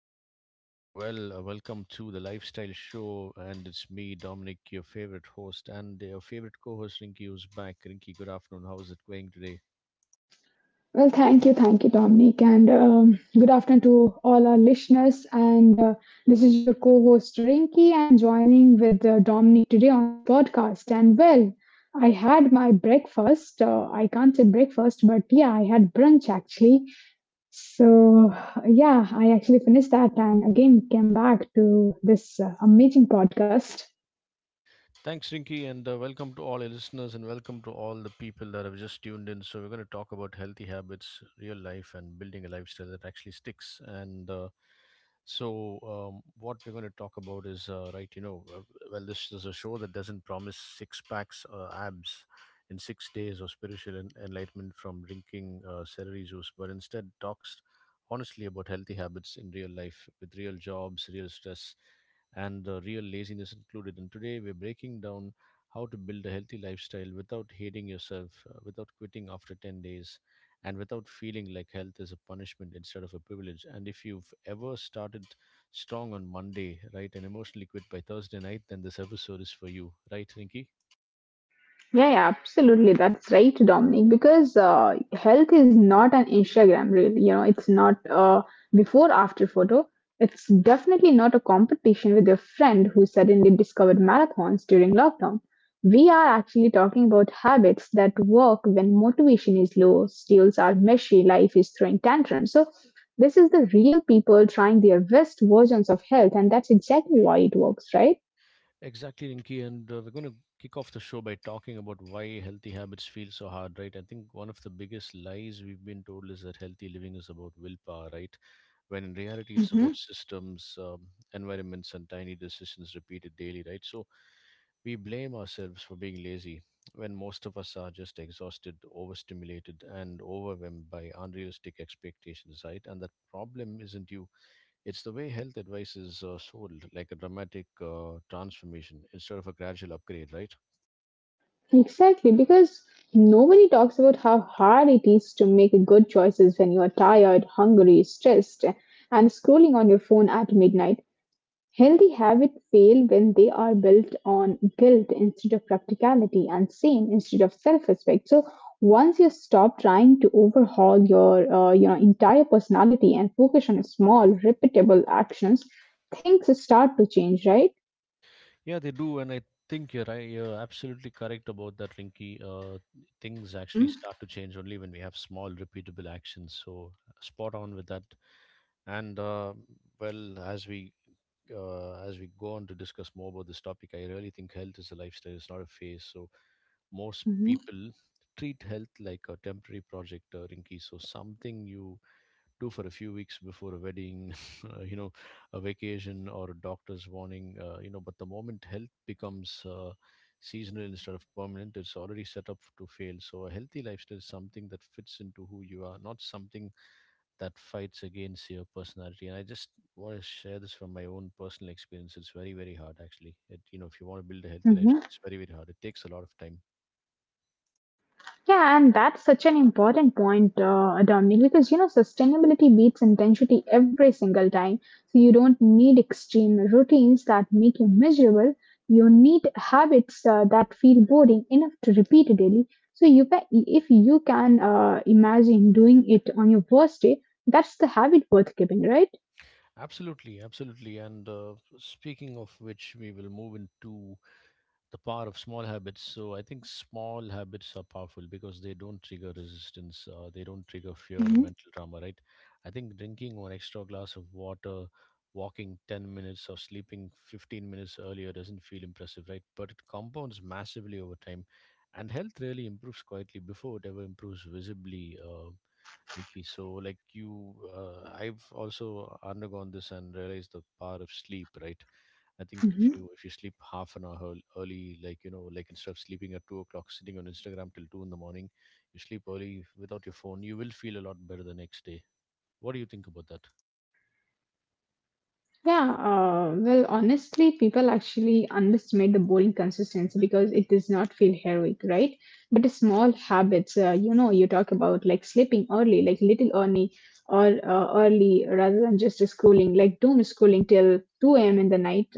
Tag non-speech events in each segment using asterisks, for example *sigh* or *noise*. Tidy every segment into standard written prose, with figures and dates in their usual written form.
we hope you're doing well. Welcome to the Lifestyle Show, and it's me, Dominic, your favorite host, and your favorite co host, Rinky, who's back. Rinky, good afternoon. How's it going today? Well, thank you, Dominic, and good afternoon to all our listeners. And this is your co-host Rinky, and joining with Dominic today on this podcast. And well, I had my breakfast. I can't say breakfast, but yeah, I had brunch actually. So yeah, I actually finished that, and again came back to this amazing podcast. Thanks, Rinky, and welcome to all our listeners, and welcome to all the people that have just tuned in. So, we're going to talk about healthy habits, real life, and building a lifestyle that actually sticks. And So, what we're going to talk about is, right, this is a show that doesn't promise six packs, abs in 6 days or spiritual enlightenment from drinking celery juice, but instead talks honestly about healthy habits in real life with real jobs, real stress, and real laziness included. And today we're breaking down how to build a healthy lifestyle without hating yourself, without quitting after 10 days, and without feeling like health is a punishment instead of a privilege. And if you've ever started strong on Monday, right, and emotionally quit by Thursday night, then this episode is for you, right, Rinky? Yeah, yeah, absolutely. That's right, Dominic. Because health is not an Instagram reel. You know, it's not a before after photo. It's definitely not a competition with your friend who suddenly discovered marathons during lockdown. We are actually talking about habits that work when motivation is low, steals are messy, life is throwing tantrums. So, this is the real people trying their best versions of health, and that's exactly why it works, right? Exactly, Rinki, and we're going to kick off the show by talking about why healthy habits feel so hard, right? I think one of the biggest lies we've been told is that healthy living is about willpower, right? When in reality, it's about systems, environments, and tiny decisions repeated daily, right? So we blame ourselves for being lazy when most of us are just exhausted, overstimulated, and overwhelmed by unrealistic expectations, right? And that problem isn't you, it's the way health advice is sold, like a dramatic transformation instead of a gradual upgrade, right? Exactly, because nobody talks about how hard it is to make good choices when you are tired, hungry, stressed, and scrolling on your phone at midnight. Healthy habits fail when they are built on guilt instead of practicality and shame instead of self-respect. So once you stop trying to overhaul your entire personality and focus on small, repeatable actions, things start to change, right? Yeah, they do, and I think you're right. You're absolutely correct about that, Rinky. Things actually hmm start to change only when we have small, repeatable actions. So, spot on with that. And well, as we go on to discuss more about this topic, I really think health is a lifestyle. It's not a phase. So most hmm people treat health like a temporary project, Rinky. So something you do for a few weeks before a wedding, *laughs* you know, a vacation or a doctor's warning, but the moment health becomes seasonal instead of permanent, it's already set up to fail. So a healthy lifestyle is something that fits into who you are, not something that fights against your personality. And I just want to share this from my own personal experience. It's very, very hard actually. You know, if you want to build a healthy Mhm. lifestyle, it's very, very hard. It takes a lot of time. Yeah, and that's such an important point, Dominic, because you know sustainability beats intensity every single time. So you don't need extreme routines that make you miserable. You need habits that feel boring enough to repeat daily. So you can, if you can imagine doing it on your worst day, that's the habit worth keeping, right? Absolutely, absolutely. And speaking of which, we will move into the power of small habits. So I think small habits are powerful because they don't trigger resistance, they don't trigger fear or mental trauma, right? I think drinking one extra glass of water, walking 10 minutes or sleeping 15 minutes earlier doesn't feel impressive, right, but it compounds massively over time, and health really improves quietly before it ever improves visibly, Nikki. So, like you, I've also undergone this and realized the power of sleep, right? I think if hmm you sleep half an hour early, like you know, like instead of sleeping at 2 o'clock, sitting on Instagram till 2 in the morning, you sleep early without your phone. You will feel a lot better the next day. What do you think about that? Yeah, well, honestly, people actually underestimate the bowling consistency because it does not feel heroic, right? But the small habits, you talk about like sleeping early, like little early or early rather than just schooling, like doom schooling till 2 a.m. in the night.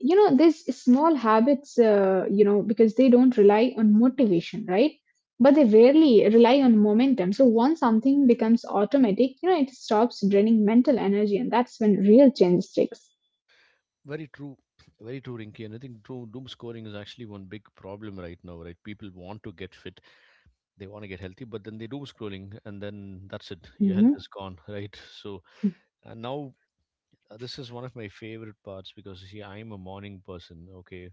You know, these small habits, because they don't rely on motivation, right? But they rarely rely on momentum. So once something becomes automatic, you know, it stops draining mental energy, and that's when real change sticks. Very true, very true, Rinky. And I think doom scrolling is actually one big problem right now, right? People want to get fit, they want to get healthy, but then they doom scrolling, and then that's it. Your health Mm-hmm. is gone, *laughs* right? So and now this is one of my favorite parts because you see, I'm a morning person. Okay,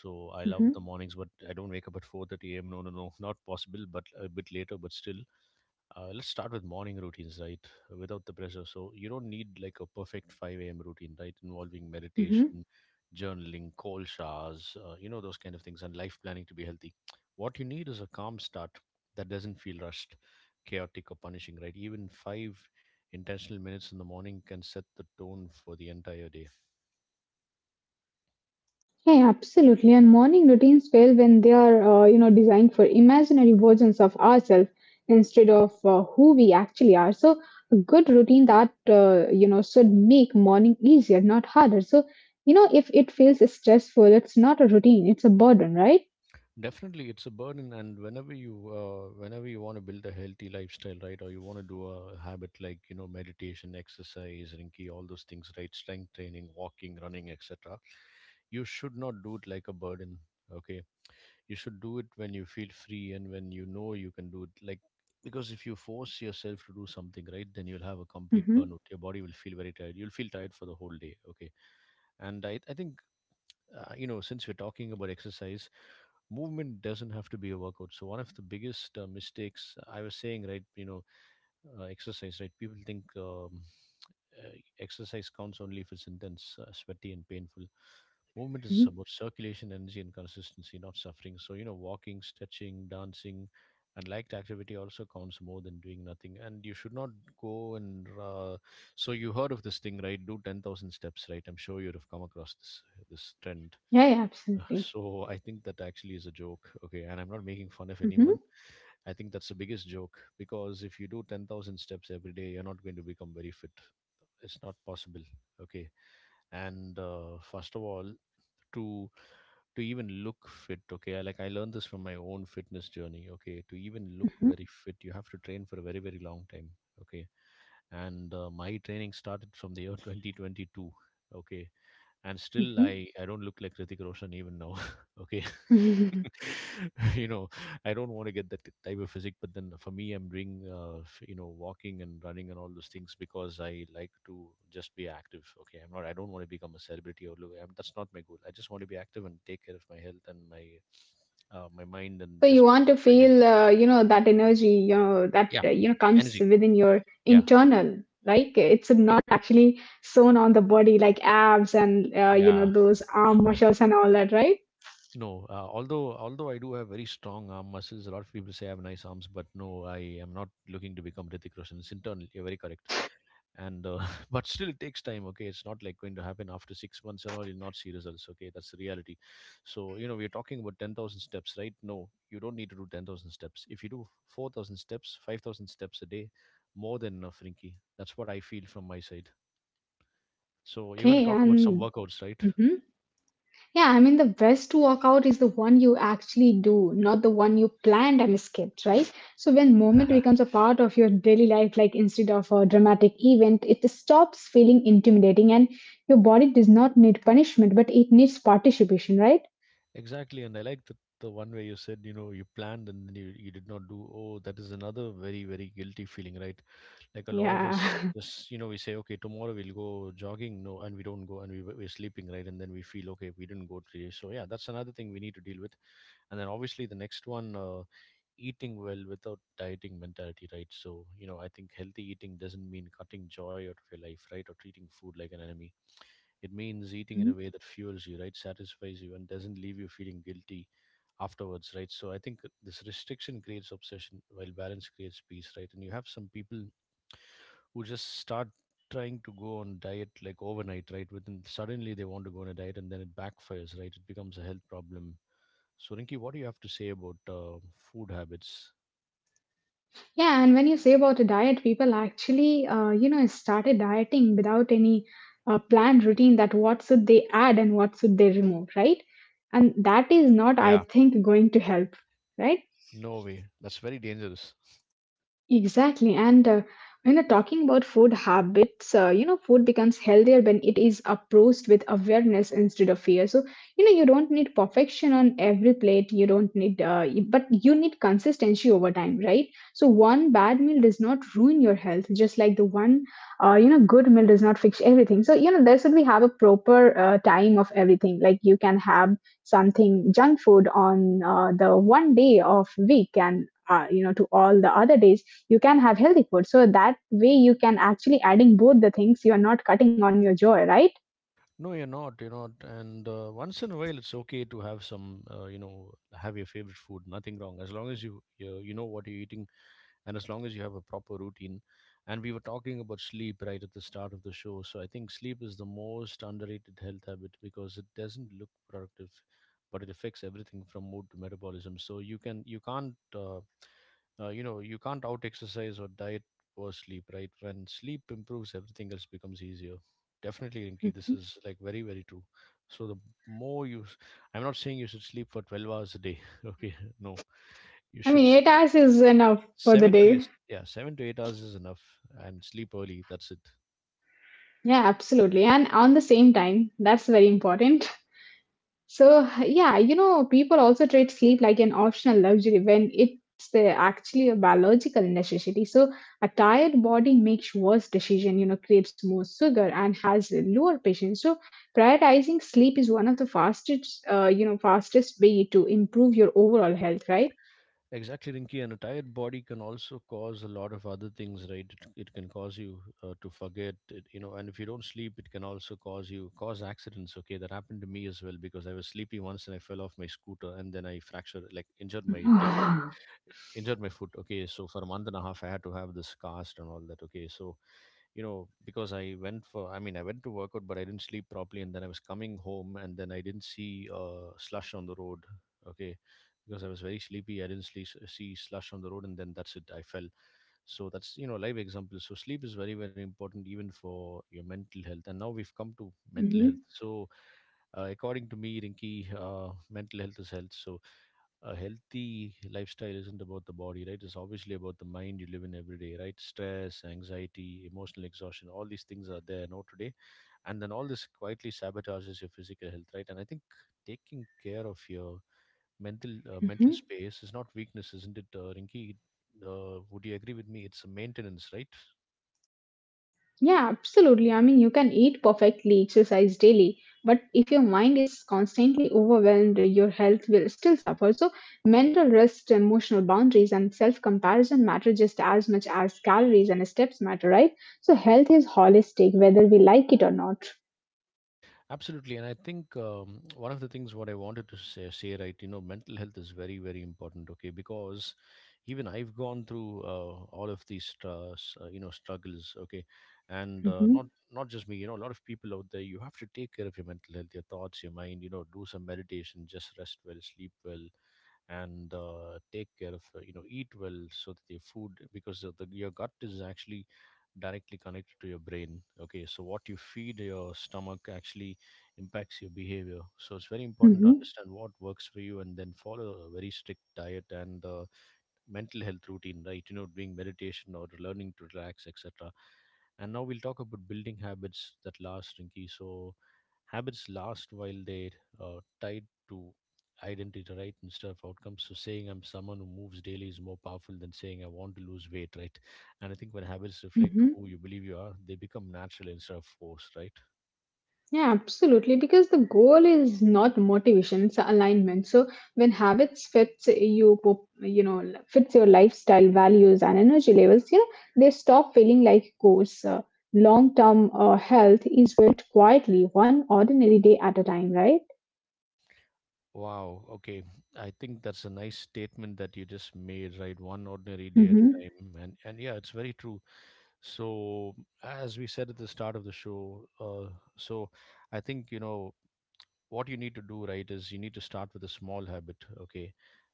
so I Mm-hmm. love the mornings, but I don't wake up at 4:30 a.m. No, no, no, not possible. But a bit later, but still, let's start with morning routines, right? Without the pressure. So you don't need like a perfect 5 a.m. routine, right? Involving Mm-hmm. meditation, journaling, cold showers, you know, those kind of things, and life planning to be healthy. What you need is a calm start that doesn't feel rushed, chaotic, or punishing, right? Even five intentional minutes in the morning can set the tone for the entire day. Yeah, absolutely. And morning routines fail when they are, designed for imaginary versions of ourselves instead of who we actually are. So a good routine that, should make morning easier, not harder. So, you know, if it feels stressful, it's not a routine, it's a burden, right? Definitely, it's a burden, and whenever you want to build a healthy lifestyle, right, or you want to do a habit like you know meditation, exercise, Rinki, all those things, right, strength training, walking, running, etc. You should not do it like a burden. Okay, you should do it when you feel free and when you know you can do it. Like, because if you force yourself to do something, right, then you'll have a complete Mm-hmm. burnout. Your body will feel very tired. You'll feel tired for the whole day. Okay, and I think you know, since we're talking about exercise, movement doesn't have to be a workout. So one of the biggest mistakes I was saying, right, you know, exercise, right? People think uh, exercise counts only if it's intense, sweaty, and painful. Movement is about circulation, energy, and consistency, not suffering. So you know, walking, stretching, dancing, and liked activity also counts more than doing nothing. And you should not go and so you heard of this thing, right? Do 10,000 steps, right? I'm sure you'd have come across this trend. Yeah, yeah, *laughs* absolutely. So I think that actually is a joke. Okay, and I'm not making fun of Mm-hmm. anyone. I think that's the biggest joke because if you do 10,000 steps every day, you're not going to become very fit. It's not possible. Okay, and first of all, to even look fit. Okay, I, like I learned this from my own fitness journey. Okay, to even look very fit, you have to train for a very very long time. Okay, and my training started from the year 2022. Okay, and still i Mhm. i don't look like Hrithik Roshan even now. *laughs* Okay, *laughs* *laughs* you know, I don't want to get that type of physique, but then for me I'm doing you know walking and running and all those things because I like to just be active. Okay, I don't want to become a celebrity or look, that's not my goal. I just want to be active and take care of my health and my my mind and So you just my want to well-being. feel that energy, you know that Yeah, comes energy, within your yeah, internal, like it's I- not actually sewn on the body like abs and yeah. those arm muscles and all that, right? No, although I do have very strong arm muscles, a lot of people say I have nice arms, but no, I am not looking to become Hrithik Roshan. It's internal. You're very correct, and *laughs* but still it takes time. Okay, it's not like going to happen after 6 months and all. You'll not see results. Okay, that's the reality. So you know we're talking about 10,000 steps, right? No, you don't need to do 10,000 steps. If you do 4,000 steps, 5,000 steps a day, more than enough, Rinky. That's what I feel from my side. So you're going to Okay, talk about some and workouts, right? Mhm. Yeah, I mean, the best workout is the one you actually do, not the one you planned and skipped, right? So when movement becomes *laughs* a part of your daily life, like instead of a dramatic event, it stops feeling intimidating and your body does not need punishment, but it needs participation, right? Exactly, and I like the one where you said, you know, you planned and then you did not do. Oh, that is another very, very guilty feeling, right? Like a lot of us Yeah. *laughs* just, you know, we say, okay, tomorrow we'll go jogging. No, and we don't go and we're sleeping, right? And then we feel, okay, we didn't go today. So, yeah, that's another thing we need to deal with. And then obviously the next one, eating well without dieting mentality, right? So, you know, I think healthy eating doesn't mean cutting joy out of your life, right? Or treating food like an enemy. It means eating in Mhm. a way that fuels you, right? Satisfies you and doesn't leave you feeling guilty afterwards, right? So I think this restriction creates obsession while balance creates peace, right? And you have some people who just start trying to go on diet like overnight, right? Within suddenly they want to go on a diet and then it backfires, right? It becomes a health problem. So Rinki, what do you have to say about food habits? Yeah, and when you say about a diet, people actually, started dieting without any planned routine that what should they add and what should they remove, right? And that is not, I Yeah, think, going to help, right? no way. That's very dangerous. Exactly. And when you're talking about food habits, food becomes healthier when it is approached with awareness instead of fear. So, you know, you don't need perfection on every plate. You don't need, but you need consistency over time, right? So, one bad meal does not ruin your health, just like the one, good meal does not fix everything. So, you know, there should be have a proper time of everything. Like you can have something junk food on the one day of week and you know to all the other days you can have healthy food so that way you can actually adding both the things, you are not cutting on your joy, right? No, you're not. You're not. And once in a while, it's okay to have some, you know, have your favorite food. Nothing wrong, as long as you know what you're eating, and as long as you have a proper routine. And we were talking about sleep right at the start of the show, so I think sleep is the most underrated health habit because it doesn't look productive, but it affects everything from mood to metabolism. So you can't you can't out exercise or diet or sleep right. When sleep improves, everything else becomes easier. Definitely, Rinki. This Mhm. is like very, very true. So the more you, s- I'm not saying you should sleep for 12 hours a day. *laughs* Okay, no, you I should mean, s- 8 hours is enough for the seven to day. eight. Yeah, 7 to 8 hours is enough, and sleep early. That's it. Yeah, absolutely, and on the same time, that's very important. So, yeah, you know, people also treat sleep like an optional luxury when it's actually a biological necessity. So, a tired body makes worse decision, you know, creates more sugar and has lower patience. So, prioritizing sleep is one of the fastest, fastest way to improve your overall health, right? Exactly, Rinki. And a tired body can also cause a lot of other things, right? It can cause you to forget, it, you know. And if you don't sleep, it can also cause you cause accidents. Okay, that happened to me as well because I was sleepy once and I fell off my scooter and then I fractured, like *sighs* injured my foot, okay? So for 1.5 months I had to have this cast and all that, okay? So you know, because I went for, I mean, I went to work out but I didn't sleep properly and then I was coming home and then I didn't see slush on the road, okay? Because I was very sleepy, I didn't sleep, see slush on the road and then that's it, I fell. So that's, you know, live example. So sleep is very very important even for your mental health. And now we've come to mental health. hmm So according to me, Rinky, mental health is health. So a healthy lifestyle isn't about the body, right? It's obviously about the mind you live in every day, right? Stress, anxiety, emotional exhaustion, all these things are there now today. And then all this quietly sabotages your physical health, right? And I think taking care of your mental hmm space is not weakness, isn't it, Rinki? Would you agree with me? It's a maintenance, right? Yeah, absolutely. I mean, you can eat perfectly, exercise daily, but if your mind is constantly overwhelmed, your health will still suffer. So, mental rest, emotional boundaries, and self comparison matter just as much as calories and steps matter, right? So, health is holistic, whether we like it or not. Absolutely, and I think one of the things what I wanted to say, right, you know, mental health is very, very important. Okay, because even I've gone through all of these, you know, struggles. Okay, and hmm not just me, you know, a lot of people out there. You have to take care of your mental health, your thoughts, your mind. You know, do some meditation, just rest well, sleep well, and take care of, you know, eat well, so that your food, because of the, your gut is actually directly connected to your brain. Okay, so what you feed your stomach actually impacts your behavior. So it's very important to hmm understand what works for you and then follow a very strict diet and mental health routine, right? You know, doing meditation or learning to relax, etc. And now we'll talk about building habits that last, Rinky. So habits last while they're tied to identity, right, instead of outcomes. So saying I'm someone who moves daily is more powerful than saying I want to lose weight, right? And I think when habits reflect hmm who you believe you are, they become natural instead of forced, right? Yeah, absolutely. Because the goal is not motivation, it's alignment. So when habits fits you, fits your lifestyle, values, and energy levels, you know, they stop feeling like goals. Long-term health is built quietly, one ordinary day at a time, right? Wow. Okay. I think that's a nice statement that you just made, right? One ordinary day at a Mm-hmm. time. And yeah, it's very true. So, as we said at the start of the show, so I think, you know, what you need to do, right, is you need to start with a small habit, okay?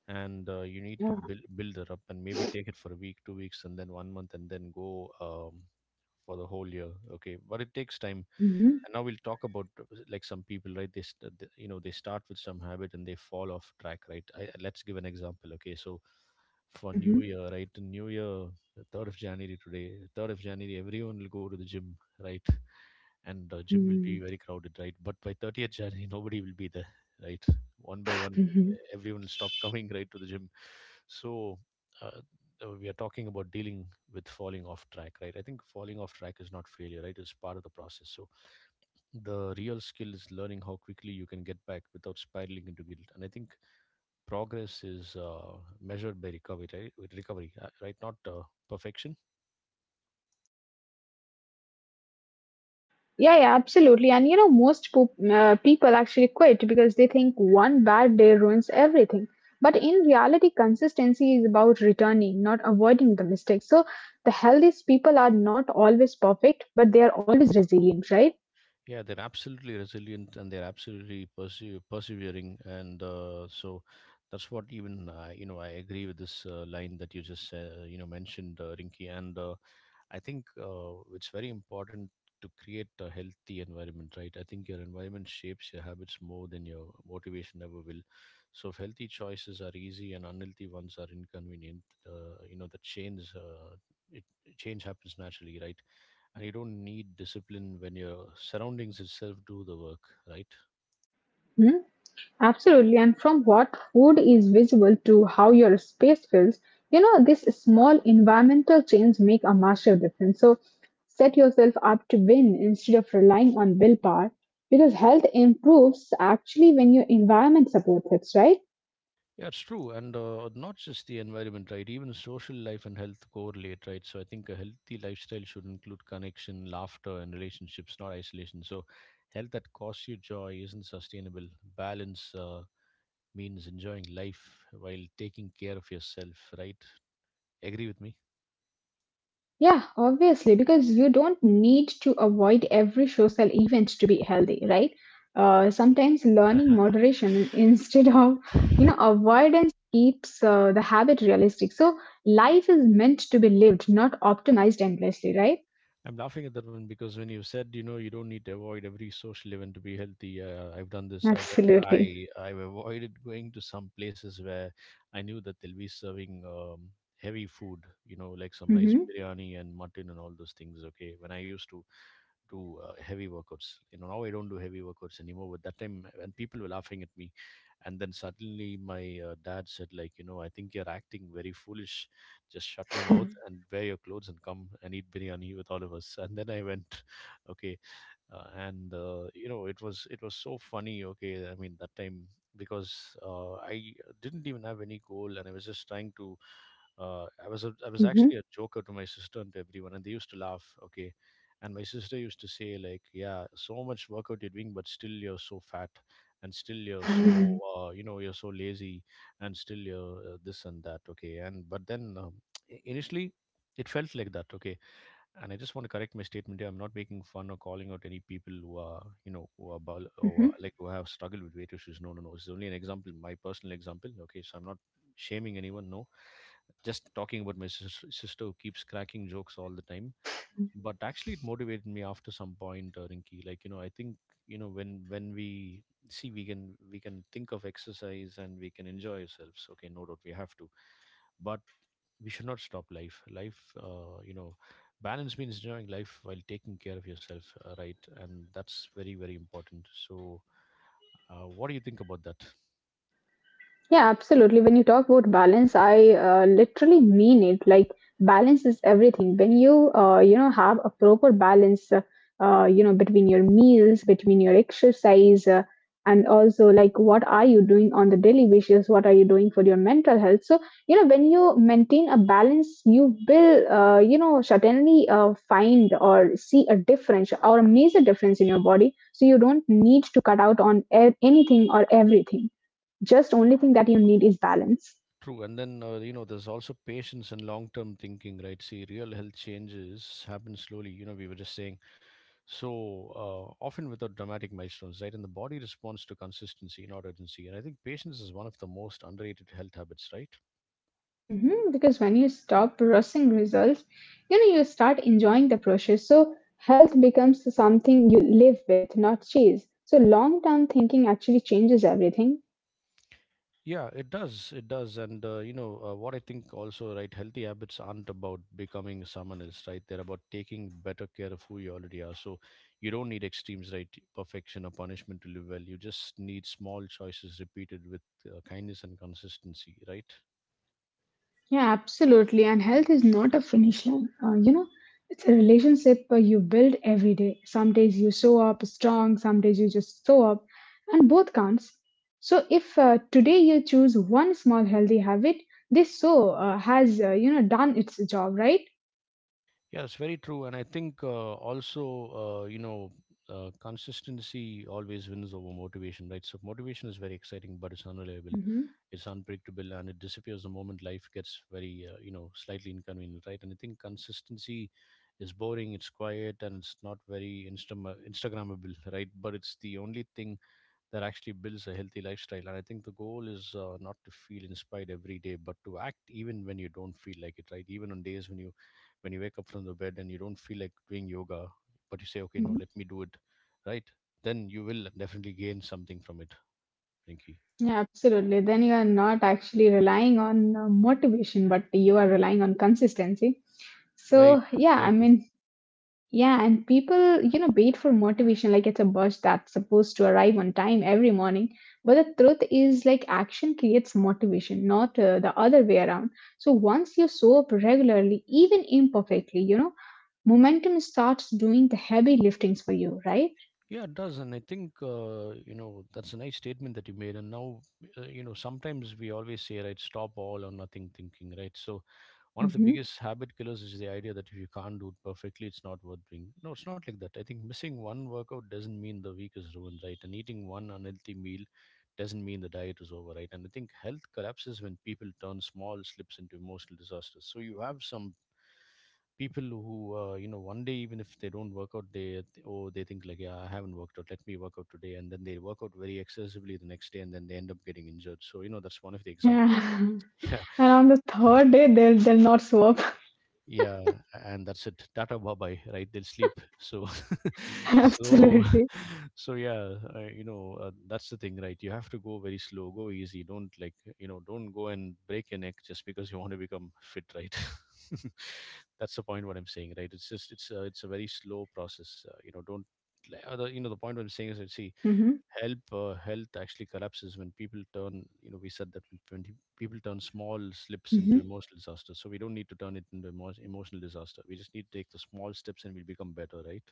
And you need to Yeah. build it up and maybe take it for a week, 2 weeks, and then one month, and then go for the whole year, okay? But it takes time. Mm-hmm. And now we'll talk about like some people, right, you know, they start with some habit and they fall off track, right? Let's give an example, okay? So for new year, right, new year, 3rd of january, today 3rd of january, everyone will go to the gym, right? And gym will Mm-hmm. be very crowded, right? But by 30th january *laughs* nobody will be there, right? One by one Mm-hmm. everyone will stop coming *laughs* right to the gym. So uh, we are talking about dealing with falling off track, right? I think falling off track is not failure, right? It's part of the process. So the real skill is learning how quickly you can get back without spiraling into guilt. And I think progress is measured by recovery, right? With recovery, right, not perfection. Yeah, yeah, absolutely. And you know, most people actually quit because they think one bad day ruins everything. But in reality, consistency is about returning, not avoiding the mistakes. So the healthiest people are not always perfect, but they are always resilient, right? Yeah, they're absolutely resilient and they're absolutely persevering and so that's what even, you know, I agree with this line that you just, you know, mentioned, Rinki. And I think it's very important to create a healthy environment, right? I think your environment shapes your habits more than your motivation ever will. So, if healthy choices are easy and unhealthy ones are inconvenient, you know, the change. It change happens naturally, right? And you don't need discipline when your surroundings itself do the work, right? Hmm? Absolutely, and from what food is visible to how your space feels, you know, this small environmental change make a massive difference. So set yourself up to win instead of relying on willpower because health improves actually when your environment supports it, right? Yeah, it's true, and not just the environment, right? Even social life and health correlate, right? So I think a healthy lifestyle should include connection, laughter, and relationships, not isolation. So health that costs you joy isn't sustainable. Balance means enjoying life while taking care of yourself, right? Agree with me? Yeah, obviously, because you don't need to avoid every social event to be healthy, right? Sometimes learning moderation *laughs* instead of, you know, avoidance keeps the habit realistic. So life is meant to be lived, not optimized endlessly, right? I'm laughing at that one because when you said, you know, you don't need to avoid every social event to be healthy. I've done this. I've Absolutely. I I've avoided going to some places where I knew that they'll be serving heavy food. You know, like some nice Mm-hmm. biryani and mutton and all those things. Okay, when I used to do heavy workouts, you know, now I don't do heavy workouts anymore. But that time, and people were laughing at me. And then suddenly my dad said, like, you know, I think you're acting very foolish, just shut your mouth and wear your clothes and come and eat biryani with all of us. And then I went *laughs* okay. And you know, it was so funny, okay? I mean, that time because I didn't even have any goal and I was just trying to, I was Mm-hmm. actually a joker to my sister and to everyone, and they used to laugh, okay? And my sister used to say, like, yeah, so much workout you're doing, but still you're so fat, and still you're so, you know, you're so lazy, and still you're, this and that, okay? And but then initially it felt like that, okay? And I just want to correct my statement here. I'm not making fun or calling out any people who are, you know, who are bul- or like *laughs* who have struggled with weight issues. No, no, no. It's only an example, my personal example. Okay, so I'm not shaming anyone. No, just talking about my sister who keeps cracking jokes all the time. But actually, it motivated me after some point, Rinky. Like, you know, I think you know, when we see, we can think of exercise and we can enjoy ourselves. Okay, no doubt we have to. But we should not stop life, you know, balance means enjoying life while taking care of yourself, right? And that's very very important. So what do you think about that? Yeah, absolutely. When you talk about balance, I literally mean it. Like balance is everything. When you you know have a proper balance, between your meals, between your exercise, and also like what are you doing on the daily basis? What are you doing for your mental health? So you know when you maintain a balance, you will certainly find or see a difference or a major difference in your body. So you don't need to cut out on anything or everything. Just only thing that you need is balance. True. And then you know, there's also patience and long term thinking, right? See, real health changes happen slowly, you know, we were just saying. So often without dramatic milestones, right? And the body responds to consistency, not urgency. And I think patience is one of the most underrated health habits, right? Because when you stop rushing results, you know, you start enjoying the process. So health becomes something you live with, not chase. So long term thinking actually changes everything. Yeah, it does. It does. And, you know, what I think also, right, healthy habits aren't about becoming someone else, right? They're about taking better care of who you already are. So you don't need extremes, right? Perfection or punishment to live well. You just need small choices repeated with kindness and consistency, right? Yeah, absolutely. And health is not a finish line. You know, it's a relationship you build every day. Some days you show up strong, some days you just show up, and both counts. So if today you choose one small healthy habit, this show has done its job, right? Yes, very true. And I think, also, you know, consistency always wins over motivation, right? So motivation is very exciting, but it's unreliable, hmm it's unpredictable, and it disappears the moment life gets very, you know, slightly inconvenient, right? And I think consistency is boring, it's quiet, and it's not very Instagrammable, *laughs* right? But it's the only thing that actually builds a healthy lifestyle. And I think the goal is not to feel inspired every day, but to act even when you don't feel like it, right? Even on days when you wake up from the bed and you don't feel like doing yoga, but you say, okay, no, let hmm me do it, right? Then you will definitely gain something from it, Rinky. Yeah, absolutely. Then you are not actually relying on motivation, but you are relying on consistency. Very, So yeah, very I true. mean Yeah, and people, you know, wait for motivation like it's a bus that's supposed to arrive on time every morning. But the truth is, like, action creates motivation, not the other way around. So once you show up regularly, even imperfectly, you know, momentum starts doing the heavy liftings for you, right? Yeah, it does, and I think you know that's a nice statement that you made. And now, sometimes we always say, right, stop all or nothing thinking, right? So one of the hmm biggest habit killers is the idea that if you can't do it perfectly, it's not worth doing. No, it's not like that. I think missing one workout doesn't mean the week is ruined, right? And eating one unhealthy meal doesn't mean the diet is over, right? And I think health collapses when people turn small slips into emotional disasters. So you have some people who, one day even if they don't work out, they think like, yeah, I haven't worked out, let me work out today, and then they work out very excessively the next day, and then they end up getting injured. So you know that's one of the examples. Yeah. *laughs* *laughs* And on the third day, they'll not show up. Yeah, and that's it, tata, bye bye, right? They'll sleep, so *laughs* *laughs* so Absolutely. *laughs* so yeah, that's the thing, right? You have to go very slow, go easy, don't, like, you know, don't go and break your neck just because you want to become fit, right? *laughs* That's the point what I'm saying, right? It's just it's a very slow process, don't like, you know the point what I'm saying is that, see, hmm help health actually collapses when people turn, you know, we said that when people turn small slips hmm into emotional disaster, so we don't need to turn it into emotional disaster, we just need to take the small steps and we become better, right?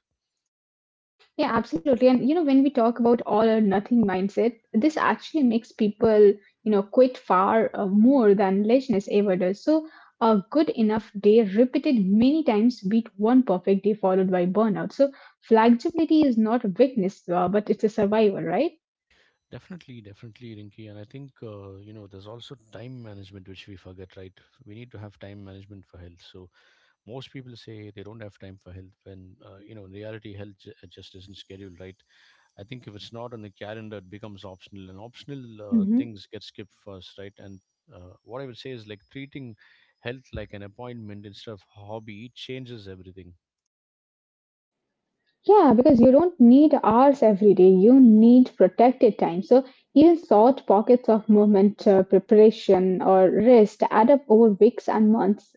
Yeah, absolutely. And you know, when we talk about all or nothing mindset, this actually makes people, you know, quit far more than laziness ever does. So, a good enough day repeated many times beat one perfect day followed by burnout. So, flexibility is not a weakness, but it's a survival, right? Definitely, definitely, Rinky. And I think, you know, there's also time management which we forget, right? We need to have time management for health. So most people say they don't have time for health when, in reality health just isn't scheduled, right? I think if it's not on the calendar, it becomes optional, and optional Mhm. things get skipped first, right? And what I would say is like treating health like an appointment instead of hobby changes everything. Yeah, because you don't need hours every day. You need protected time. So even short pockets of movement, preparation, or rest add up over weeks and months.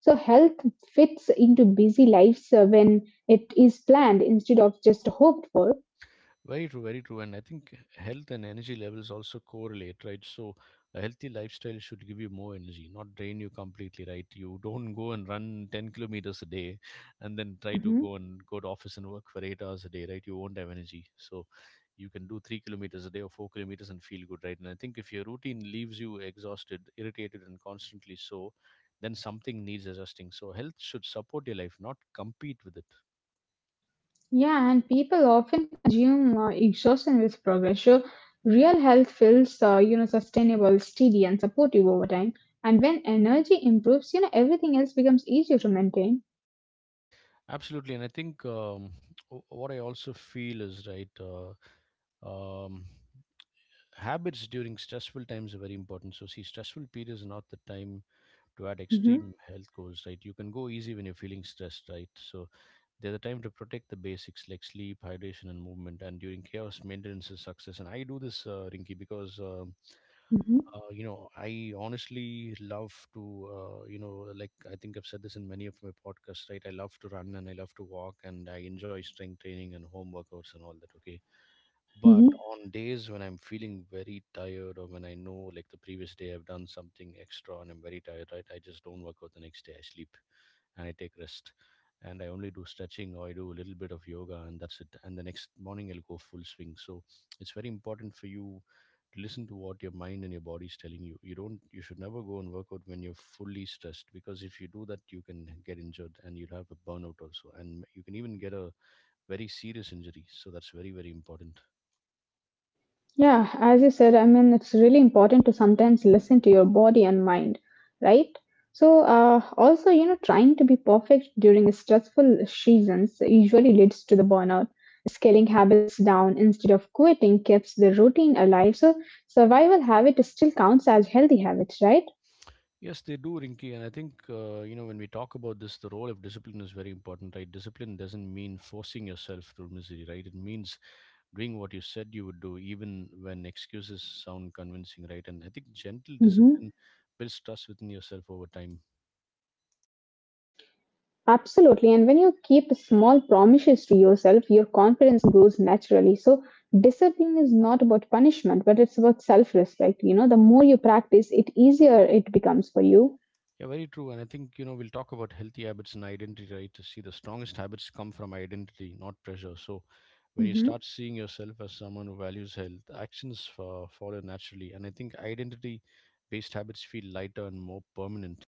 So health fits into busy lives when it is planned instead of just hoped for. Very true, very true. And I think health and energy levels also correlate, right? So a healthy lifestyle should give you more energy, not drain you completely, right? You don't go and run 10 kilometers a day and then try to Mhm. go and go to office and work for 8 hours a day, right? You won't have energy. So you can do 3 kilometers a day or 4 kilometers and feel good, right? And I think if your routine leaves you exhausted, irritated, and constantly so, then something needs adjusting. So health should support your life, not compete with it. Yeah, and people often assume exhaustion with progress. So real health feels, sustainable, steady, and supportive over time. And when energy improves, you know, everything else becomes easier to maintain. Absolutely, and I think what I also feel is right. Um, habits during stressful times are very important. So, see, stressful periods are not the time to add Mhm. extreme health goals, right? You can go easy when you're feeling stressed, right? So there's a time to protect the basics like sleep, hydration, and movement. And during chaos, maintenance is success. And I do this, Rinky, because Mhm, I honestly love to, like I think I've said this in many of my podcasts, right? I love to run and I love to walk and I enjoy strength training and home workouts and all that. Okay, but mhm. on days when I'm feeling very tired or when I know, like, the previous day I've done something extra and I'm very tired, right? I just don't work out the next day. I sleep and I take rest. And I only do stretching or I do a little bit of yoga and that's it. And the next morning I'll go full swing. So it's very important for you to listen to what your mind and your body is telling you. You don't You should never go and work out when you're fully stressed because if you do that you can get injured and you'll have a burnout also and you can even get a very serious injury. So that's very, very important. Yeah, as you said, I mean, it's really important to sometimes listen to your body and mind, right? So, also, you know, trying to be perfect during stressful seasons usually leads to the burnout. Scaling habits down instead of quitting keeps the routine alive. So, survival habit still counts as healthy habits, right? Yes, they do, Rinky. And I think, you know, when we talk about this, the role of discipline is very important, right? Discipline doesn't mean forcing yourself through misery, right? It means doing what you said you would do, even when excuses sound convincing, right? And I think gentle Mm-hmm. discipline builds trust within yourself over time. Absolutely. And when you keep small promises to yourself, your confidence grows naturally. So, discipline is not about punishment, but it's about self respect. You know, the more you practice, it easier it becomes for you. Yeah, very true. And I think, you know, we'll talk about healthy habits and identity, right? To see the strongest habits come from identity, not pressure. So when you start hmm seeing yourself as someone who values health, actions follow naturally. And I think identity based habits feel lighter and more permanent.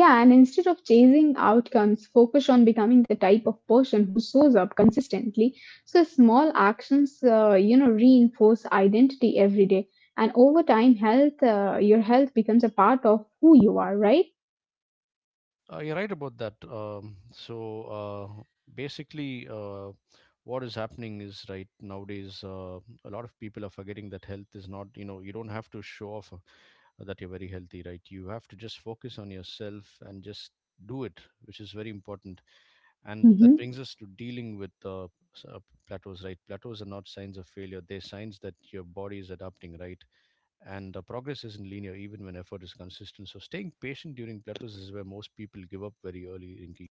Yeah, and instead of chasing outcomes, focus on becoming the type of person who shows up consistently. So small actions, reinforce identity every day, and over time, your health becomes a part of who you are, right? You're right about that. Basically, what is happening is right nowadays, a lot of people are forgetting that health is not, you know, you don't have to show off that you're very healthy, right? You have to just focus on yourself and just do it, which is very important. And that Mhm. brings us to dealing with plateaus, right? Plateaus are not signs of failure, they're signs that your body is adapting, right? And the progress isn't linear even when effort is consistent. So staying patient during plateaus is where most people give up very early, Rinki.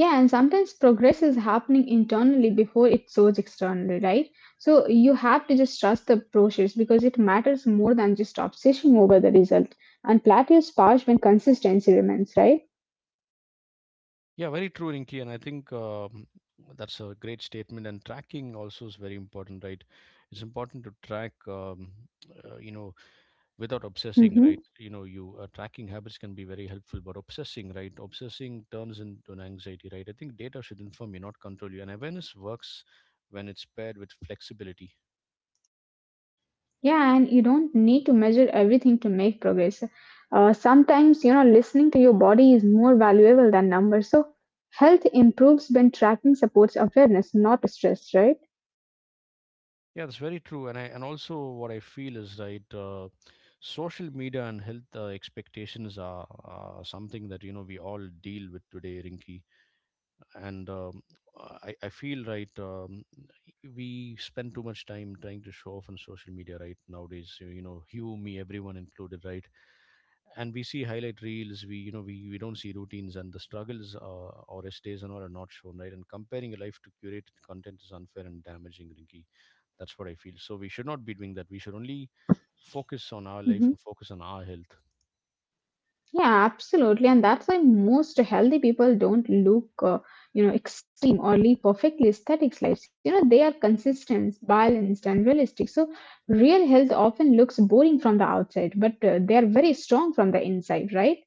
Yeah, and sometimes progress is happening internally before it shows externally, right? So you have to just trust the process because it matters more than just obsession over the result. And plateaus pass when consistency remains, right? Yeah, very true, Rinki, and I think that's a great statement. And tracking also is very important, right? It's important to track, uh, you know, without obsessing, right? Mhm. You know, you tracking habits can be very helpful, but obsessing, right? Obsessing turns into an anxiety, right? I think data should inform you, not control you, and awareness works when it's paired with flexibility. Yeah, and you don't need to measure everything to make progress. Sometimes, listening to your body is more valuable than numbers. So, health improves when tracking supports awareness, not stress, right? Yeah, that's very true. And I and also what I feel is right. Social media and I feel right, we spend too much time trying to show off on social media, right, nowadays, you know, you, me, everyone included, right? And we see highlight reels, we, you know, we don't see routines and the struggles or estates and all are not shown, right? And comparing a life to curated content is unfair and damaging, Rinky. That's what I feel. So we should not be doing that, we should only focus on our life hmm and focus on our health. Yeah, absolutely. And that's why most healthy people don't look extreme or lead perfectly aesthetic lives. You know, they are consistent, balanced, and realistic. So, real health often looks boring from the outside, but they are very strong from the inside, right?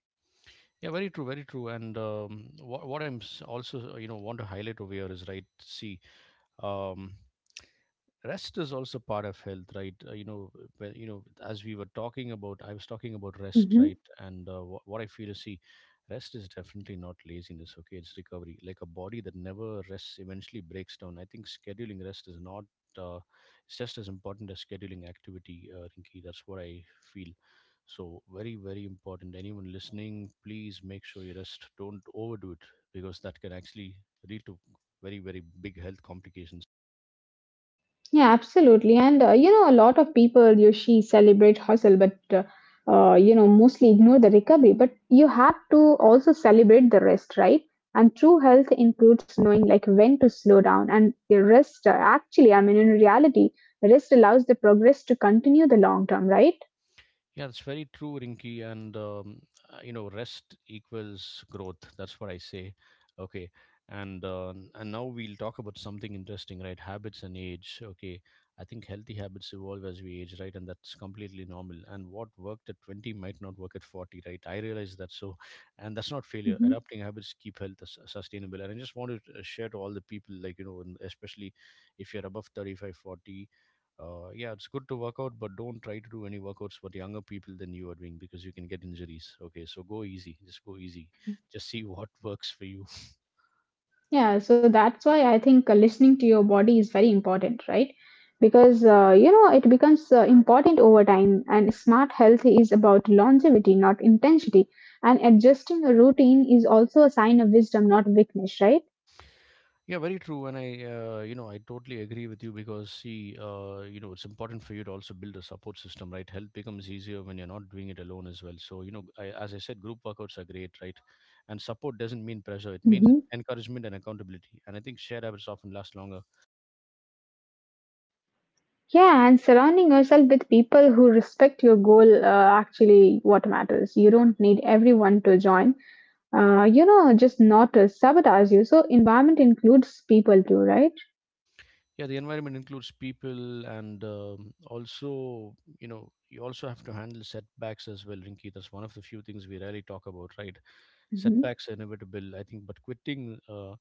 Yeah, very true, very true. And what I'm also, want to highlight over here is right, see, um rest is also part of health, right? You know when, you know as we were talking about, I was talking about rest, right? And what I feel is, see, rest is definitely not laziness, okay, it's recovery. Like a body that never rests eventually breaks down. I think scheduling rest is not uh, it's just as important as scheduling activity, Rinki. That's what I feel. So very, very important, anyone listening, please make sure you rest, don't overdo it because that can actually lead to very, very big health complications. Yeah, absolutely. And a lot of people you she celebrate hustle, but mostly ignore the recovery. But you have to also celebrate the rest, right? And true health includes knowing like when to slow down and your rest. Actually, I mean, in reality, rest allows the progress to continue the long term, right? Yeah, that's very true, Rinky. And you know, rest equals growth. That's what I say. Okay, and now we'll talk about something interesting, right? Habits and age. Okay, I think healthy habits evolve as we age, right? And that's completely normal. And what worked at 20 might not work at 40, right? I realize that. So, and that's not failure. Adapting habits keep health sustainable. And I just want to share to all the people, like, you know, and especially if you're above 35, 40. Yeah, it's good to work out, but don't try to do any workouts for younger people than you are doing because you can get injuries. Okay, so go easy. Just go easy. Just see *laughs* what works for you. Yeah, so that's why I think listening to your body is very important, right? Because you know it becomes important over time, and smart health is about longevity, not intensity. And adjusting a routine is also a sign of wisdom, not weakness, right? Yeah, very true. And I, you know, I totally agree with you because, see, you know, it's important for you to also build a support system, right? Health becomes easier when you're not doing it alone as well. So, you know, as I said, group workouts are great, right? And support doesn't mean pressure, it means hmm encouragement and accountability. And I think shared habits often last longer Yeah, and surrounding yourself with people who respect your goal actually what matters. You don't need everyone to join. Just not to sabotage you. So environment includes people too, right? yeah the environment includes people, and also, you know, you also have to handle setbacks as well, Rinki. That's one of the few things we rarely talk about, right? Mhm. Setbacks are inevitable, I think, but quitting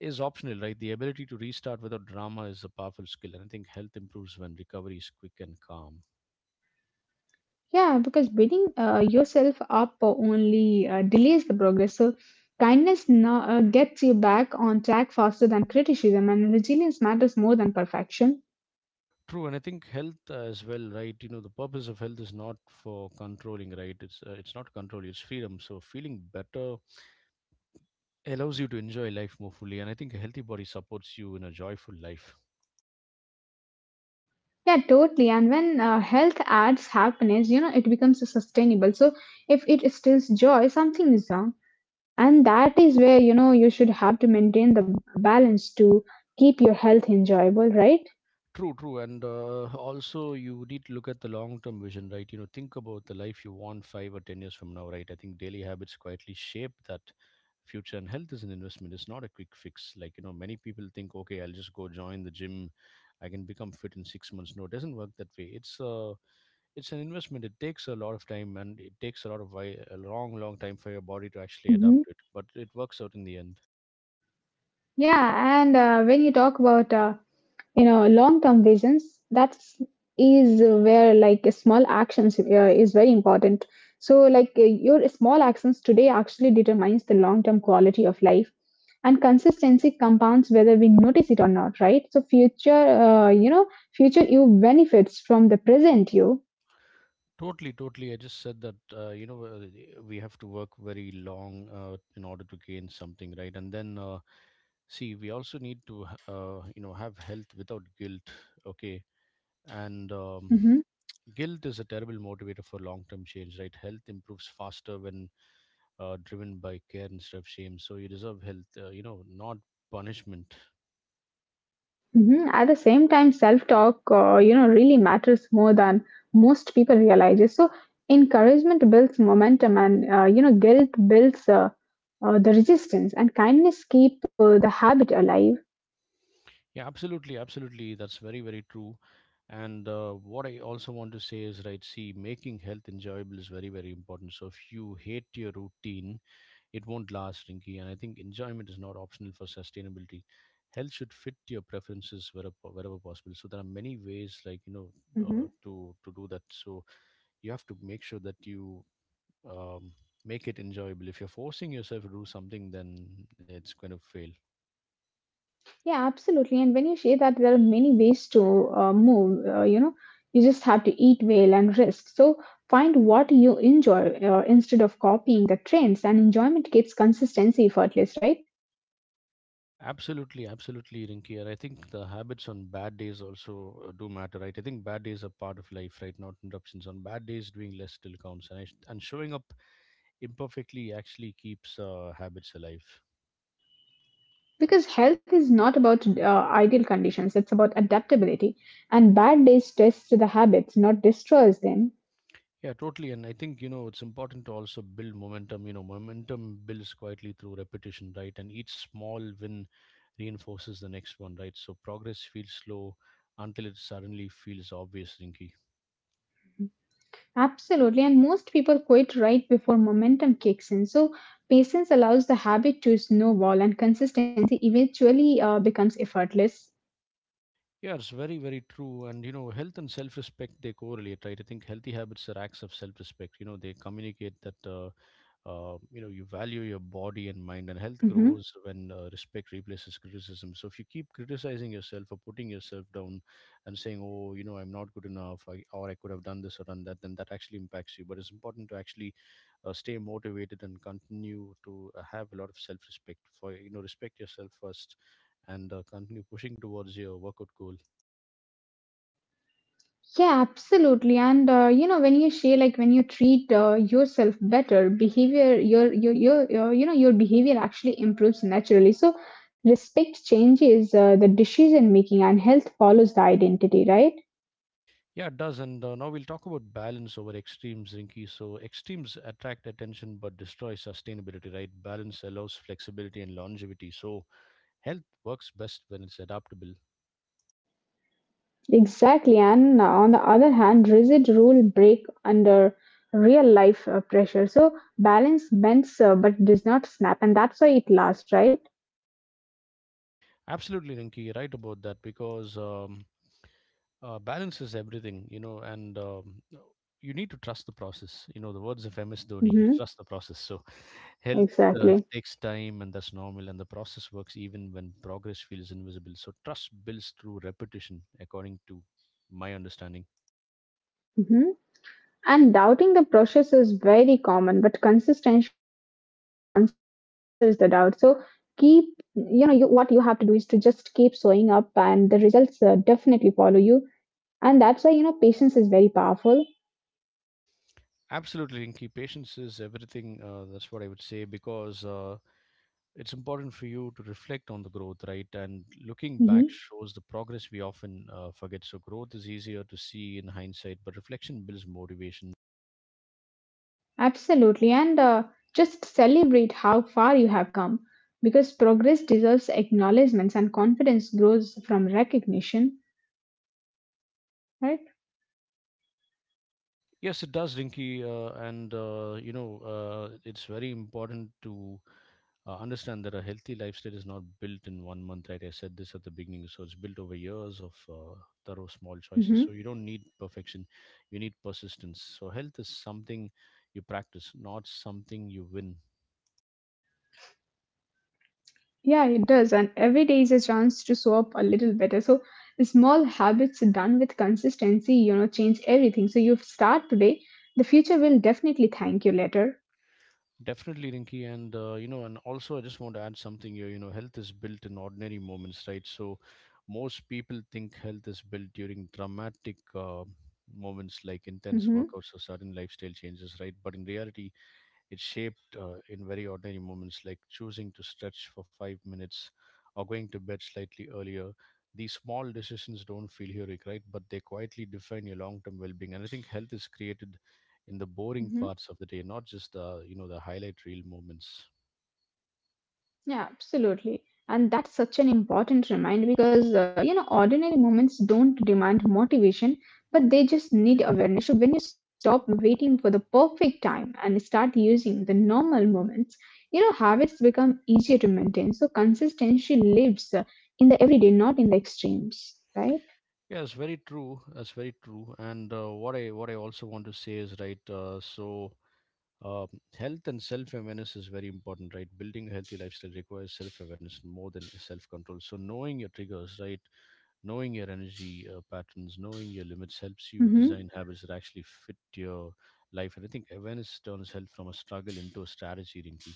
is optional, right? The ability to restart without drama is a powerful skill, and I think health improves when recovery is quick and calm. Yeah, because beating yourself up only delays the progress. So kindness now gets you back on track faster than criticism, and resilience matters more than perfection. True, and I think health as well, right? You know, the purpose of health is not for controlling, right? It's not control, it's freedom. So feeling better allows you to enjoy life more fully, and I think a healthy body supports you in a joyful life. Yeah, totally. And when health adds happiness, you know, it becomes sustainable. So if it instills joy, something is wrong, and that is where you know you should have to maintain the balance to keep your health enjoyable, right? True, true. And also, you need to look at the long term vision, right? You know, think about the life you want 5 or 10 years from now, right? I think daily habits quietly shape that future, and health is an investment. It's not a quick fix, like, you know, many people think, okay, I'll just go join the gym, I can become fit in 6 months. No, it doesn't work that way. It's an investment. It takes a lot of time, and it takes a lot of a long, long time for your body to actually adapt Mhm. to it, but it works out in the end. Yeah, and when you talk about long-term visions, that's is where like small actions is very important. So like your small actions today actually determines the long-term quality of life, and consistency compounds whether we notice it or not, right? So Future you benefits from the present you. Totally, totally. I just said that you know, we have to work very long in order to gain something, right? And then see, we also need to you know, have health without guilt, okay? And hmm guilt is a terrible motivator for long-term change, right? Health improves faster when driven by care instead of shame. So you deserve health, you know, not punishment. At the same time, self-talk really matters more than most people realize. So encouragement builds momentum, and guilt builds the resistance, and kindness keep the habit alive. Yeah, absolutely, absolutely. That's very, very true. And what I also want to say is, right, see, making health enjoyable is very, very important. So if you hate your routine, it won't last, Rinky. And I think enjoyment is not optional for sustainability. Health should fit your preferences wherever, wherever possible. So there are many ways, like, you know, to do that. So you have to make sure that you um, make it enjoyable. If you're forcing yourself to do something, then it's going to fail. Yeah, absolutely. And when you say that there are many ways to move, you just have to eat well and rest. So find what you enjoy instead of copying the trends, and enjoyment gets consistency effortless, right? Absolutely, absolutely, Rinki. And I think the habits on bad days also do matter, right? I think bad days are part of life, right? Not interruptions. On bad days, doing less still counts, and showing up imperfectly actually keeps habits alive. Because health is not about ideal conditions, it's about adaptability. And bad days test the habits, not destroys them. Yeah, totally. And I think, you know, it's important to also build momentum. You know, momentum builds quietly through repetition, right? And each small win reinforces the next one, right? So progress feels slow until it suddenly feels obvious, Rinki. Absolutely, and most people quit right before momentum kicks in. So, patience allows the habit to snowball, and consistency eventually becomes effortless. Yeah, it's very, very true. And, you know, health and self respect, they correlate, right? I think healthy habits are acts of self respect. You know, they communicate that, you know, you value your body and mind, and health hmm grows when respect replaces criticism. So if you keep criticizing yourself or putting yourself down and saying, oh, you know, I'm not good enough, or I could have done this or done that, then that actually impacts you. But it's important to actually stay motivated and continue to have a lot of self respect for, you know, respect yourself first and continue pushing towards your workout goal. Yeah, absolutely. And when you share, like when you treat yourself better, behavior, your you know your behavior actually improves naturally. So, respect changes the decision making, and health follows the identity, right? Yeah, it does. And now we'll talk about balance over extremes, Rinky. So, extremes attract attention but destroy sustainability, right? Balance allows flexibility and longevity. So, health works best when it's adaptable. Exactly, and on the other hand, rigid rule break under real life pressure. So balance bends but does not snap, and that's why it lasts, right? Absolutely, Rinky. You're right about that because balance is everything, you know, and you need to trust the process. You know, the words of MS Dhoni, *laughs* hmm trust the process. So, health Exactly. takes time, and that's normal. And the process works even when progress feels invisible. So, trust builds through repetition, according to my understanding. hmm And doubting the process is very common, but consistency answers the doubt. So keep, you what you have to do is to just keep showing up, and the results definitely follow you. And that's why you know patience is very powerful. Absolutely, Rinki. Patience is everything. That's what I would say because it's important for you to reflect on the growth, right? And looking back Mm-hmm. shows the progress we often forget. So growth is easier to see in hindsight, but reflection builds motivation. Absolutely, and just celebrate how far you have come because progress deserves acknowledgments and confidence grows from recognition, right? Yes, it does, Rinky, and you know, it's very important to understand that a healthy lifestyle is not built in 1 month, right? I said this at the beginning, so it's built over years of thorough small choices. hmm So you don't need perfection, you need persistence. So health is something you practice, not something you win. Yeah, it does, and every day is a chance to show up a little better. So, small habits done with consistency, you know, change everything. So, you start today, the future will definitely thank you later. Definitely, Rinky, and you know, and also I just want to add something here. You know, health is built in ordinary moments, right? So, most people think health is built during dramatic moments like intense hmm workouts or sudden lifestyle changes, right? But in reality, it's shaped in very ordinary moments like choosing to stretch for 5 minutes or going to bed slightly earlier. These small decisions don't feel heroic, right? But they quietly define your long-term well-being. And I think health is created in the boring hmm parts of the day, not just the, you know, the highlight reel moments. Yeah, absolutely. And that's such an important reminder because, ordinary moments don't demand motivation, but they just need awareness. So when you stop waiting for the perfect time and start using the normal moments, you know, habits become easier to maintain. So consistency lives in the everyday, not in the extremes, right? Yeah, it's very true. That's very true. And what I also want to say is right. Um, health and self awareness is very important, right? Building a healthy lifestyle requires self awareness more than self control. So knowing your triggers, right? Knowing your energy patterns, knowing your limits helps you design hmm habits that actually fit your life. And I think awareness turns health from a struggle into a strategy, Rinky.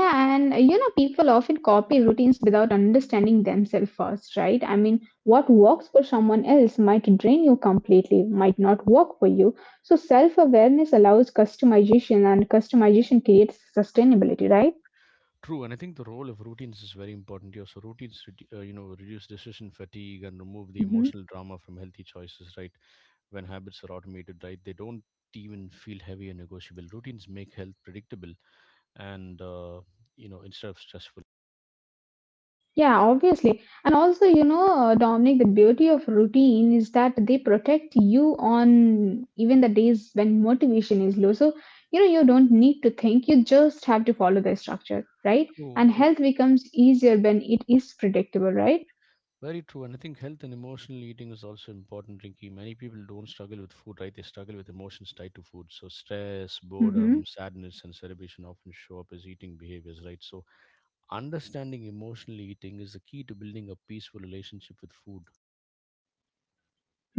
Yeah, and people often copy routines without understanding themselves first, right? I mean, what works for someone else might drain you completely, might not work for you. So, self awareness allows customization, and customization creates sustainability, right? True, and I think the role of routines is very important here. So routines, you know, reduce decision fatigue and remove the emotional Mhm. drama from healthy choices. Right, when habits are automated, right, they don't even feel heavy and negotiable. Routines make health predictable and you know, instead of stressful. Yeah, obviously. And also, you know, Dominic, the beauty of routine is that they protect you on even the days when motivation is low. So, you know, you don't need to think, you just have to follow the structure, right? True, And true. health becomes easier when it is predictable, right? Very true. And I think health and emotional eating is also important, Rinky. Many people don't struggle with food, right? They struggle with emotions tied to food. So stress, Mm-hmm. boredom, sadness, and celebration often show up as eating behaviors, right? So understanding emotional eating is the key to building a peaceful relationship with food.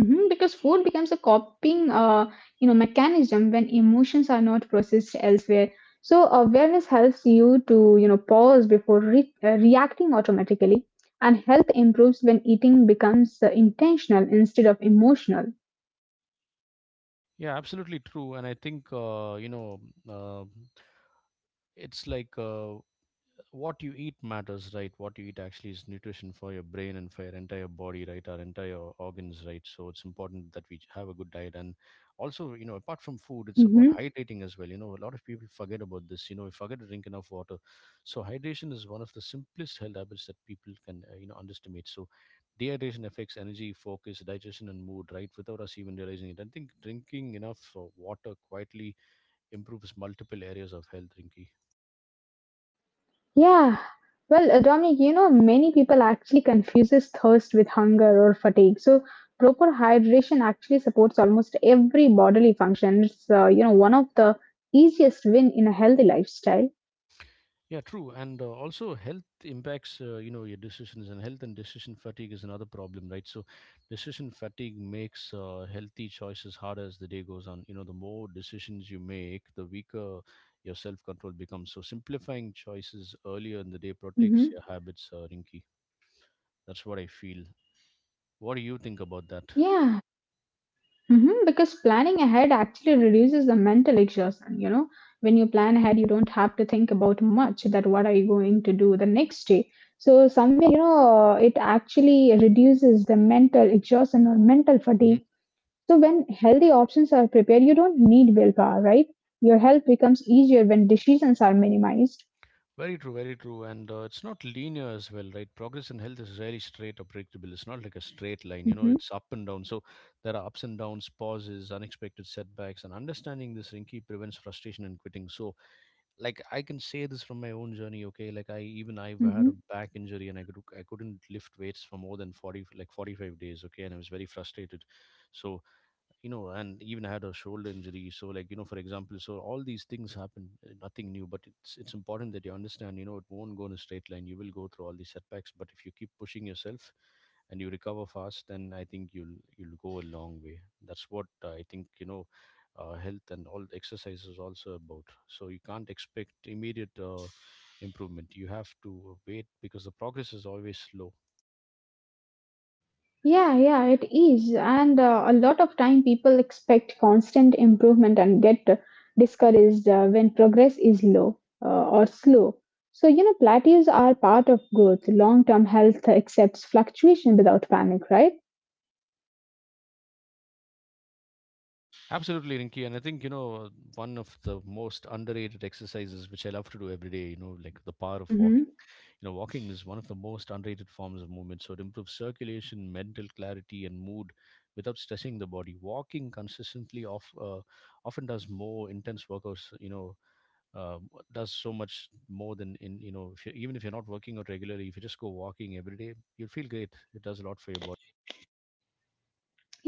Mhm, because food becomes a coping mechanism when emotions are not processed elsewhere. So awareness helps you to, you know, pause before reacting automatically, and health improves when eating becomes intentional instead of emotional. Yeah, absolutely true. And I think, you know, uh, it's like what you eat matters, right? What you eat actually is nutrition for your brain and for your entire body, right? Our entire organs, right? So it's important that we have a good diet. And also, you know, apart from food, it's about Mm-hmm. hydrating as well. You know, a lot of people forget about this. You know, we forget to drink enough water. So hydration is one of the simplest health habits that people can, you know, underestimate. So dehydration affects energy, focus, digestion, and mood, right? Without us even realizing it. I think drinking enough water quietly improves multiple areas of health, Rinky. Yeah. Well, Dominic, you know, many people actually confuses thirst with hunger or fatigue. So proper hydration actually supports almost every bodily function. It's, one of the easiest win in a healthy lifestyle. Yeah, true. And also, health impacts, you know, your decisions, and health and decision fatigue is another problem, right? So, decision fatigue makes healthy choices harder as the day goes on. You know, the more decisions you make, the weaker your self control becomes. So, simplifying choices earlier in the day protects your hmm habits, Rinky. That's what I feel. What do you think about that? Yeah, because planning ahead actually reduces the mental exhaustion. You know, when you plan ahead, you don't have to think about much that what are you going to do the next day. So somewhere, you know, it actually reduces the mental exhaustion or mental fatigue. So when healthy options are prepared, you don't need willpower, right? Your health becomes easier when decisions are minimized. Very true, very true. And it's not linear as well, right? Progress in health is rarely straight or predictable. It's not like a straight line, you know, hmm it's up and down. So there are ups and downs, pauses, unexpected setbacks. And understanding this, Rinky, prevents frustration and quitting. So, like, I can say this from my own journey, okay? Like, I've had a hmm back injury and I couldn't lift weights for more than 40, like 45 days, okay? And I was very frustrated. So, you know, and even had a shoulder injury, so, like, you know, for example, so all these things happen, nothing new, but it's important that you understand, you know, it won't go in a straight line. You will go through all these setbacks, but if you keep pushing yourself and you recover fast, then I think you'll go a long way. That's what I think, you know, health and all exercise is also about. So you can't expect immediate improvement. You have to wait because the progress is always slow. Yeah, yeah, it is. And a lot of time people expect constant improvement and get discouraged when progress is low or slow. So, you know, plateaus are part of growth. Long term health accepts fluctuation without panic, right? Absolutely, Rinky. And I think, you know, one of the most underrated exercises which I love to do every day, you know, like the power of walking. hmm You know, walking is one of the most underrated forms of movement. So it improves circulation, mental clarity, and mood without stressing the body. Walking consistently often does more intense workouts, you know, uh, does so much more than in, you know, if you, even if you're not working out regularly, if you just go walking every day, you'll feel great. It does a lot for your body.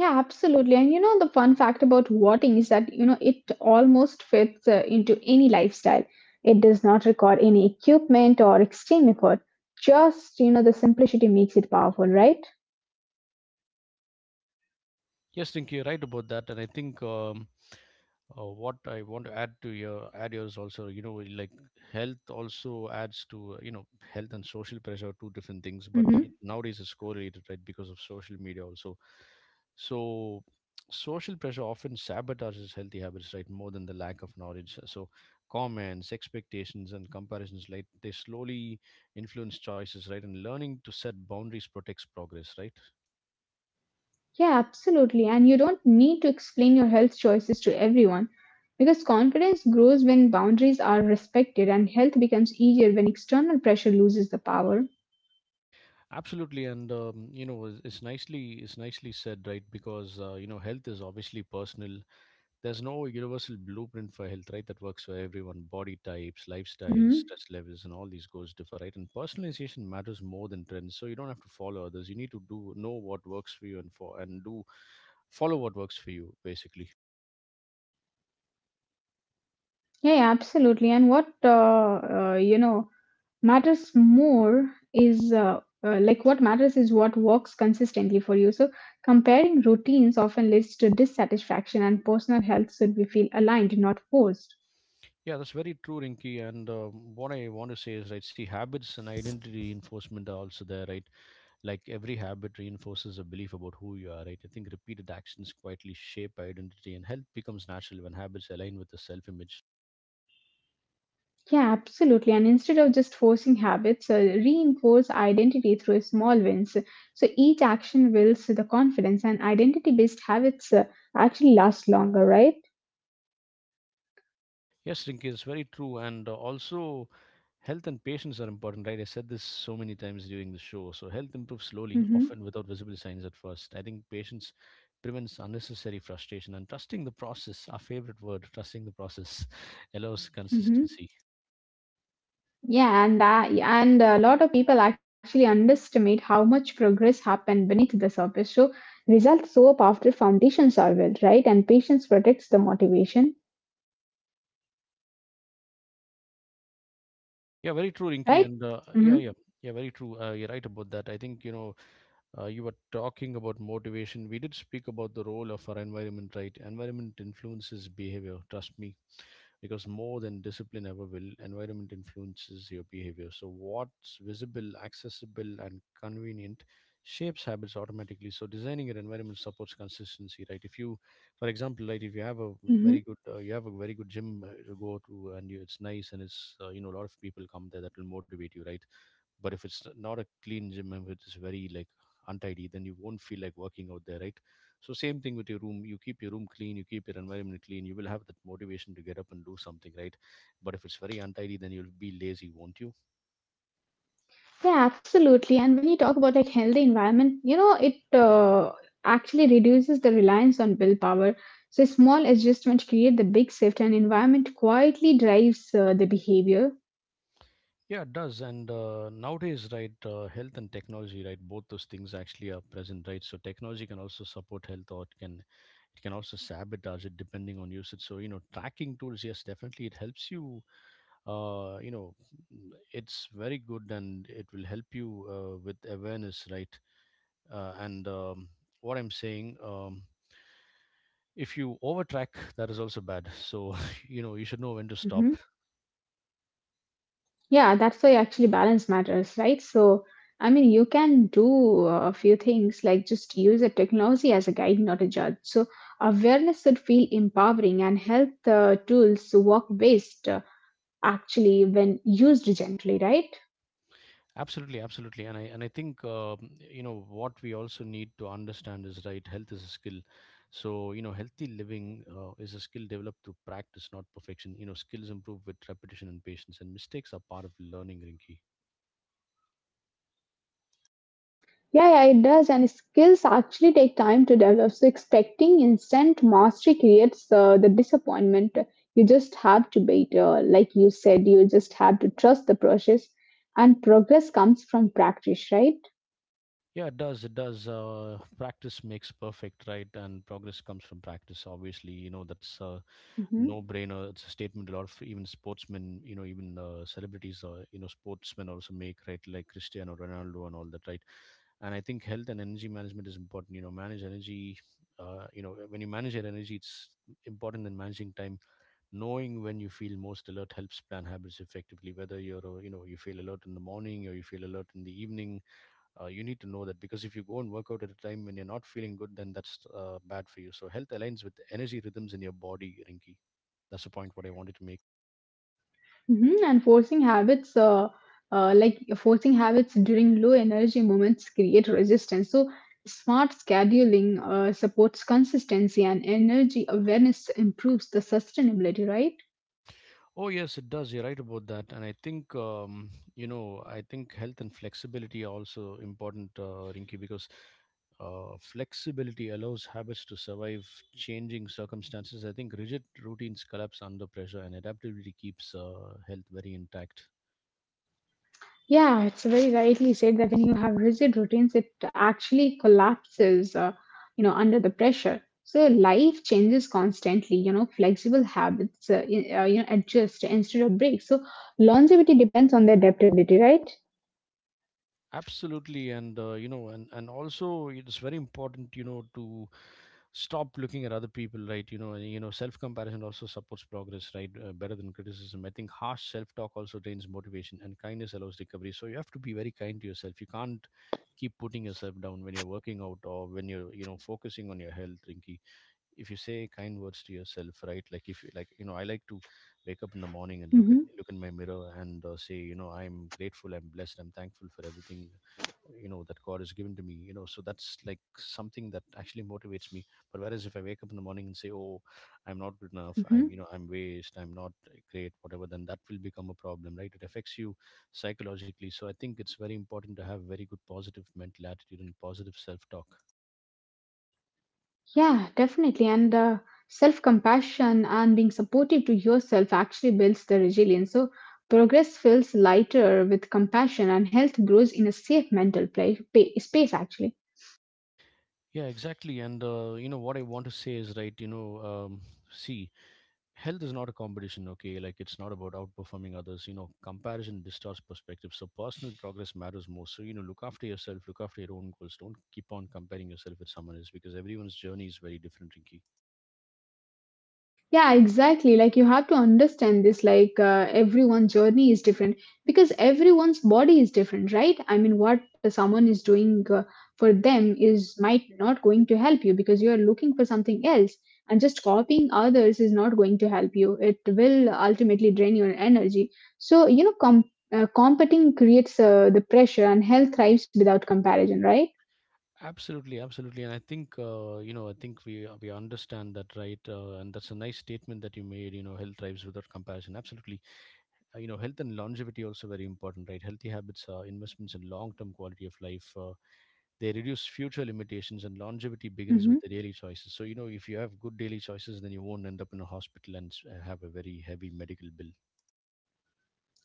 Yeah, absolutely. And you know, the fun fact about voting is that, you know, it almost fits into any lifestyle. It does not require any equipment or extreme effort. Just, you know, the simplicity makes it powerful, right? Yes, Rinki, you're right about that, and I think what I want to add to your add yours also, you know, like health also adds to you know, health and social pressure are two different things, but nowadays it's correlated, right, because of social media also. So social pressure often sabotages healthy habits, right, more than the lack of knowledge. So comments, expectations, and comparisons, like they slowly influence choices, right, and learning to set boundaries protects progress, right. Yeah, absolutely. And you don't need to explain your health choices to everyone because confidence grows when boundaries are respected and health becomes easier when external pressure loses the power. Absolutely, and you know, it's nicely said, right? Because you know, health is obviously personal. There's no universal blueprint for health, right? That works for everyone. Body types, lifestyles, hmm stress levels, and all these goes differ, right? And personalization matters more than trends. So you don't have to follow others. You need to do know what works for you, and for and do follow what works for you, basically. Yeah, yeah, absolutely. And what matters more is what matters is what works consistently for you. So comparing routines often leads to dissatisfaction, and personal health should be feel aligned, not forced. Yeah, that's very true, Rinky. And what I want to say is, right, see, habits and identity reinforcement are also there, right? Like every habit reinforces a belief about who you are, right? I think repeated actions quietly shape identity, and health becomes natural when habits align with the self image. Yeah, absolutely. And instead of just forcing habits, reinforce identity through small wins. So each action builds the confidence, and identity based habits actually last longer, right? Yes, Rinki, it's very true, and also, health and patience are important, right? I said this so many times during the show. So health improves slowly, often Mm-hmm. without visible signs at first. I think patience prevents unnecessary frustration, and trusting the process, our favorite word, trusting the process *laughs* allows Mm-hmm. consistency. Yeah, and a lot of people actually underestimate how much progress happened beneath the surface. So results show up after foundations are built, right? And patience protects the motivation, Yeah, very true, Rinki, right? and yeah Mm-hmm. yeah yeah very true. You're right about that. I think, you know, you were talking about motivation. We did speak about the role of our environment, right? Environment influences behavior, trust me, because more than discipline ever will, environment influences your behavior. So what's visible, accessible, and convenient shapes habits automatically. So designing your environment supports consistency, right? If you, for example, right, if you have a very Mm-hmm. good, you have a very good gym to go to, and you, it's nice, and it's, you know, a lot of people come there, that will motivate you, right? But if it's not a clean gym and it's very like untidy, then you won't feel like working out there, right? So same thing with your room. You keep your room clean, you keep your environment clean. You will have that motivation to get up and do something, right? But if it's very untidy, then you'll be lazy, won't you? Yeah, absolutely. And when you talk about like healthy environment, you know, it actually reduces the reliance on willpower. So small adjustments create the big shift, and environment quietly drives the behavior. Yeah, it does. And nowadays, right, health and technology, right, both those things actually are present, right? So technology can also support health, or it can also sabotage it depending on usage. So, you know, tracking tools, yes, definitely, it helps you, uh, you know it's very good, and it will help you with awareness, right? And What I'm saying, if you overtrack, that is also bad. So *laughs* you know, you should know when to hmm stop. Yeah, that's why actually balance matters, right? So, I mean, you can do a few things like just use the technology as a guide, not a judge. So awareness should feel empowering, and health tools work best actually when used gently, right? Absolutely, absolutely. And I think, you know, what we also need to understand is, right, health is a skill. So, you know, healthy living is a skill developed through practice, not perfection. You know, skills improve with repetition and patience, and mistakes are part of learning, Rinki. Yeah, yeah, it does. And skills actually take time to develop. So expecting instant mastery creates the disappointment. You just have to wait. Like you said, you just have to trust the process. And progress comes from practice, right? Yeah, it does. It does. Practice makes perfect, right? And progress comes from practice. Obviously, you know, that's a Mhm. no-brainer. It's a statement a lot of even sportsmen, you know, even celebrities, you know, sportsmen also make, right? Like Cristiano Ronaldo and all that, right? And I think health and energy management is important. You know, manage energy. You know, when you manage your energy, it's important than managing time. Knowing when you feel most alert helps plan habits effectively. Whether you're, you know, you feel alert in the morning or you feel alert in the evening, you need to know that, because if you go and work out at a time when you're not feeling good, then that's bad for you. So health aligns with the energy rhythms in your body, Rinki. That's the point what I wanted to make. Mhm, and forcing habits, like forcing habits during low energy moments, create resistance. So, smart scheduling supports consistency, and energy awareness improves the sustainability, right? Oh yes, it does. You're right about that. And I think, you know, I think health and flexibility are also important, rinky because flexibility allows habits to survive changing circumstances. I think rigid routines collapse under pressure, and adaptability keeps health very intact. Yeah, it's very rightly said that when you have rigid routines, it actually collapses, under the pressure. So life changes constantly. You know, flexible habits adjust instead of break. So longevity depends on the adaptability, right? Absolutely, and you know, and also it's very important, you know, to stop looking at other people, right? You know, and, you know, self comparison also supports progress, right? Better than criticism. I think harsh self talk also drains motivation, and kindness allows recovery. So you have to be very kind to yourself. You can't keep putting yourself down when you're working out or when you're, you know, focusing on your health, Rinky if you say kind words to yourself, right, like if you like you know, I like to wake up in the morning and look at Mm-hmm. look in my mirror and, say, you know, I'm grateful, I'm blessed, I'm thankful for everything, you know, that God has given to me, you know, so that's like something that actually motivates me. But whereas if I wake up in the morning and say, oh, I'm not good enough, I'm, Mm-hmm. you know, I'm waste, I'm not great, whatever, then that will become a problem, right? It affects you psychologically. So I think it's very important to have very good positive mental attitude and positive self talk. Yeah, definitely. And self compassion and being supportive to yourself actually builds the resilience. So, progress feels lighter with compassion, and health grows in a safe mental space, actually. Yeah, exactly. And you know, what I want to say is, right. You know, see, health is not a competition. Okay, like it's not about outperforming others. You know, comparison distorts perspective. So personal progress matters more. So, you know, look after yourself. Look after your own goals. Don't keep on comparing yourself with someone else, because everyone's journey is very different, Rinky. Yeah, exactly. Like you have to understand this. Everyone's journey is different because everyone's body is different, right? I mean, what someone is doing for them is might not going to help you because you are looking for something else, and just copying others is not going to help you. It will ultimately drain your energy. So you know, competing creates the pressure, and health thrives without comparison, right? Absolutely, absolutely. And I think, you know, I think we understand that, right? And that's a nice statement that you made. You know, health thrives without comparison. Absolutely. You know, health and longevity also very important, right? Healthy habits are investments in long term quality of life. They reduce future limitations, and longevity begins with hmm the daily choices. So, you know, if you have good daily choices, then you won't end up in a hospital and have a very heavy medical bill.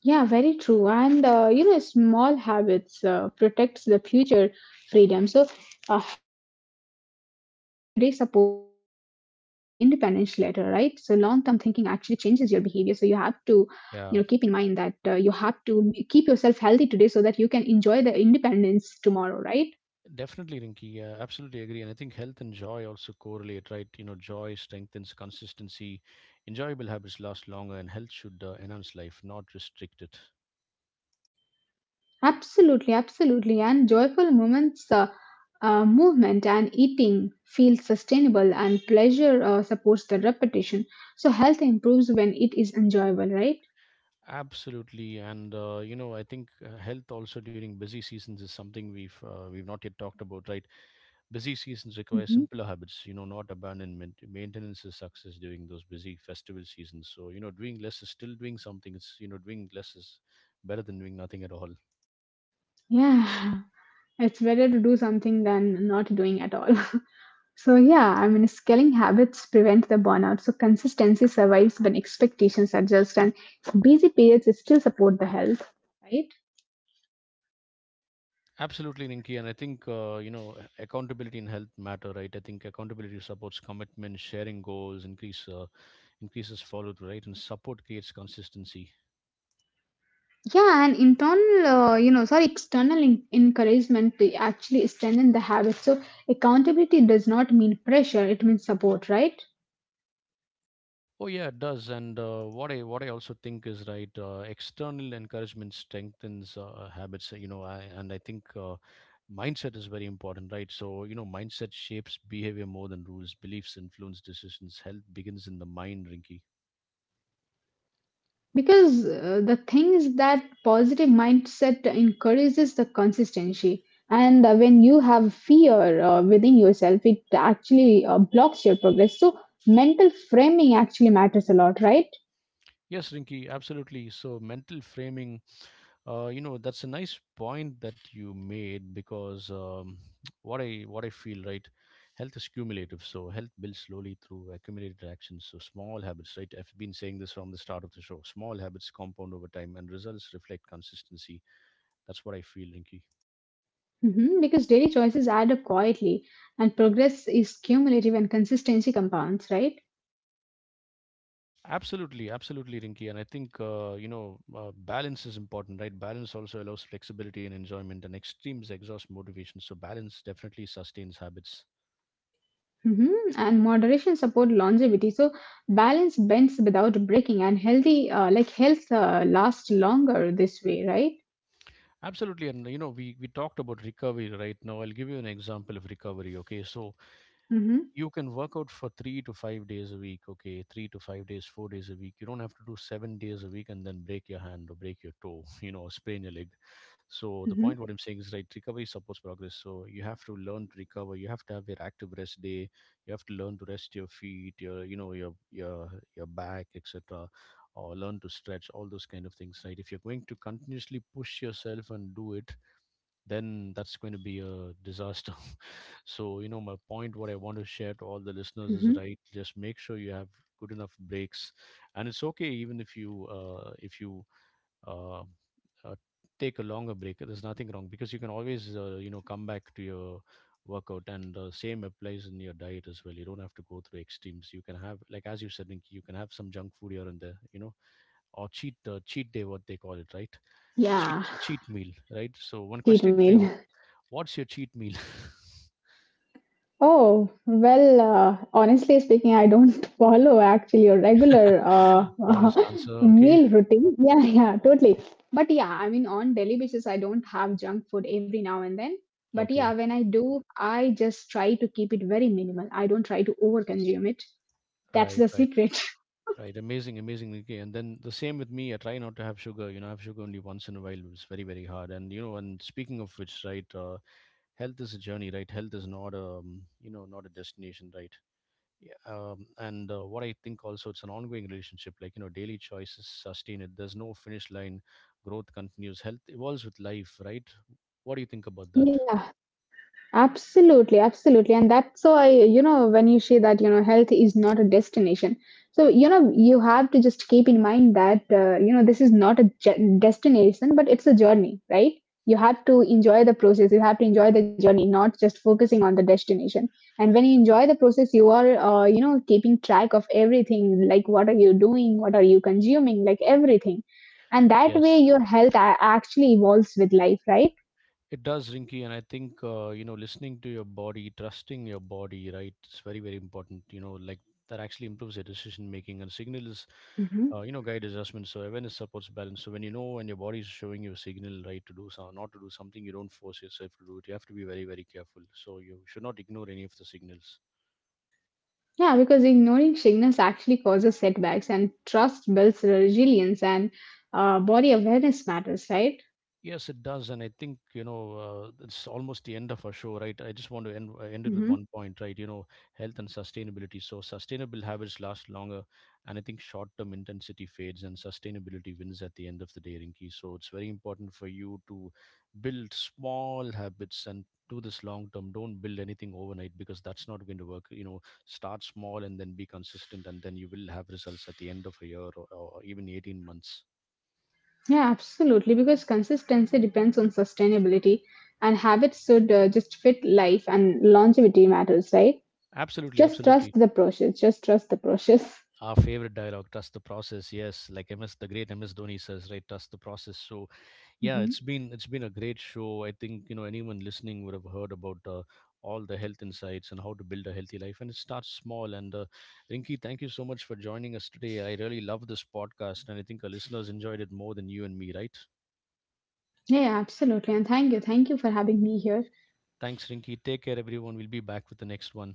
Yeah, very true. And small habits protects the future freedom. So, health today supports the independence later, right? So, long-term thinking actually changes your behavior. So, you have to, you know, keep in mind that you Yeah, have to keep yourself healthy today so that you can enjoy the independence tomorrow, right? definitely, Rinki. Yeah, absolutely agree. And I think health and joy also correlate, right? You know, joy strengthens consistency. Enjoyable habits last longer, and health should enhance life, not restrict it. Absolutely, absolutely. And joyful moments, movement and eating feels sustainable, and pleasure supports the repetition. So health improves when it is enjoyable, right? Absolutely, and you know, I think health also during busy seasons is something we've not yet talked about, right? Busy seasons require hmm simpler habits, you know, not abandonment. Maintenance is success during those busy festival seasons. So, you know, doing less is still doing something. It's, you know, doing less is better than doing nothing at all. Yeah, *laughs* it's better to do something than not doing at all. *laughs* So yeah, I mean, scaling habits prevent the burnout. So consistency survives when expectations adjust, and busy periods still support the health, right? Absolutely, Rinki, and I think you know, accountability in health matter, right? I think accountability supports commitment, sharing goals, increases follow through, right, and support creates consistency. Yeah, and internal, you know, sorry, external encouragement to actually strengthen the habit. So accountability does not mean pressure; it means support, right? Oh yeah, it does. And what I also think is right. External encouragement strengthens habits. You know, I think mindset is very important, right? So, you know, mindset shapes behavior more than rules. Beliefs influence decisions. Health begins in the mind, Rinky. Because the thing is that positive mindset encourages the consistency, and when you have fear within yourself, it actually blocks your progress. So mental framing actually matters a lot, right? Yes, Rinky, absolutely. So mental framing, you know, that's a nice point that you made because, *tsk* what I feel right, health is cumulative. So health builds slowly through accumulated actions. So small habits, right? I've been saying this from the start of the show. Small habits compound over time, and results reflect consistency. That's what I feel, Rinky. Mhm, because daily choices add up quietly, and progress is cumulative and consistency compounds, right? Absolutely, absolutely, Rinky. And I think, balance is important, right? Balance also allows flexibility and enjoyment, and extremes exhaust motivation. So balance definitely sustains habits. hmm And moderation support longevity. So balance bends without breaking, and health, lasts longer this way, right? Absolutely, and you know, we talked about recovery right now. I'll give you an example of recovery. Okay, so Mm-hmm, you can work out for 3 to 5 days a week. Okay, 3 to 5 days, 4 days a week. You don't have to do 7 days a week and then break your hand or break your toe, *laughs* you know, or sprain your leg. So the mm-hmm, point what I'm saying is right. Recovery supports progress. So you have to learn to recover. You have to have your active rest day. You have to learn to rest your feet, your, you know, your your back, etc, or learn to stretch all those kind of things, right? If you're going to continuously push yourself and do it, then that's going to be a disaster. *laughs* So, you know, my point, what I want to share to all the listeners, is mm-hmm. right. Just make sure you have good enough breaks, and it's okay even if you, uh, uh, take a longer break. There's nothing wrong, because you can always, you know, come back to your workout. And same applies in your diet as well. You don't have to go through extremes. You can have, like as you said, Rinki, you can have some junk food here and there, you know, or cheat, cheat day, what they call it, right? Cheat Yeah, cheat meal, right? So one cheat question for meal. you. What's your cheat meal? Oh, well, honestly speaking, I don't *laughs* follow actually a regular *laughs* Honest answer. *laughs* Okay. meal routine. Yeah, yeah, totally. But yeah, I mean, on daily basis, I don't have junk food every now and then. But yeah, Okay. when I do, I just try to keep it very minimal. I don't try to overconsume it. That's Right. the Right. secret. *laughs* Right. Amazing. Amazing. Okay. And then the same with me. I try not to have sugar. You know, I have sugar only once in a while. It's very, very hard. And, you know, and speaking of which, right, health is a journey, right? Health is not a, you know, not a destination, right? Yeah, and what I think also, it's an ongoing relationship. Like, you know, daily choices sustain it. There's no finish line. Growth continues. Health evolves with life, right? What do you think about that? Yeah. Absolutely, absolutely. And that's why, you know, when you say that, you know, health is not a destination. So, you know, you have to just keep in mind that, this is not a destination, but it's a journey, right? You have to enjoy the process. You have to enjoy the journey, not just focusing on the destination. And when you enjoy the process, you are, keeping track of everything, like what are you doing? What are you consuming? Like everything. And that way Yes. your health actually evolves with life, right? It does, Rinky, and I think, you know, listening to your body, trusting your body, right? It's very, very important. You know, like that actually improves your decision making, and signals, you know, guide adjustment. So awareness supports balance. So when you know when your body is showing you a signal, right, to do some, not to do something, you don't force yourself to do it. You have to be very, very careful. So you should not ignore any of the signals. Yeah, because ignoring sickness actually causes setbacks, and trust builds resilience, and body awareness matters, right? Yes, it does, and I think, you know, it's almost the end of our show, right? I just want to end it with hmm one point, right? You know, health and sustainability. So sustainable habits last longer, and I think short-term intensity fades, and sustainability wins at the end of the day, Rinki. So it's very important for you to build small habits and do this long term. Don't build anything overnight, because that's not going to work. You know, start small and then be consistent, and then you will have results at the end of a year, or even 18 months. Yeah, absolutely. Because consistency depends on sustainability, and habits should just fit life, and longevity matters, right? Absolutely, Just trust absolutely. the process. Just trust the process. Our favorite dialogue, trust the process. Yes, like MS, the great MS Dhoni says, right, trust the process. So yeah, hmm it's been a great show. I think, you know, anyone listening would have heard about all the health insights and how to build a healthy life, and it starts small. And Rinki, thank you so much for joining us today. I really love this podcast, and I think our listeners enjoyed it more than you and me, right? Yeah, absolutely. And thank you. Thank you for having me here. Thanks, Rinki. Take care, everyone. We'll be back with the next one.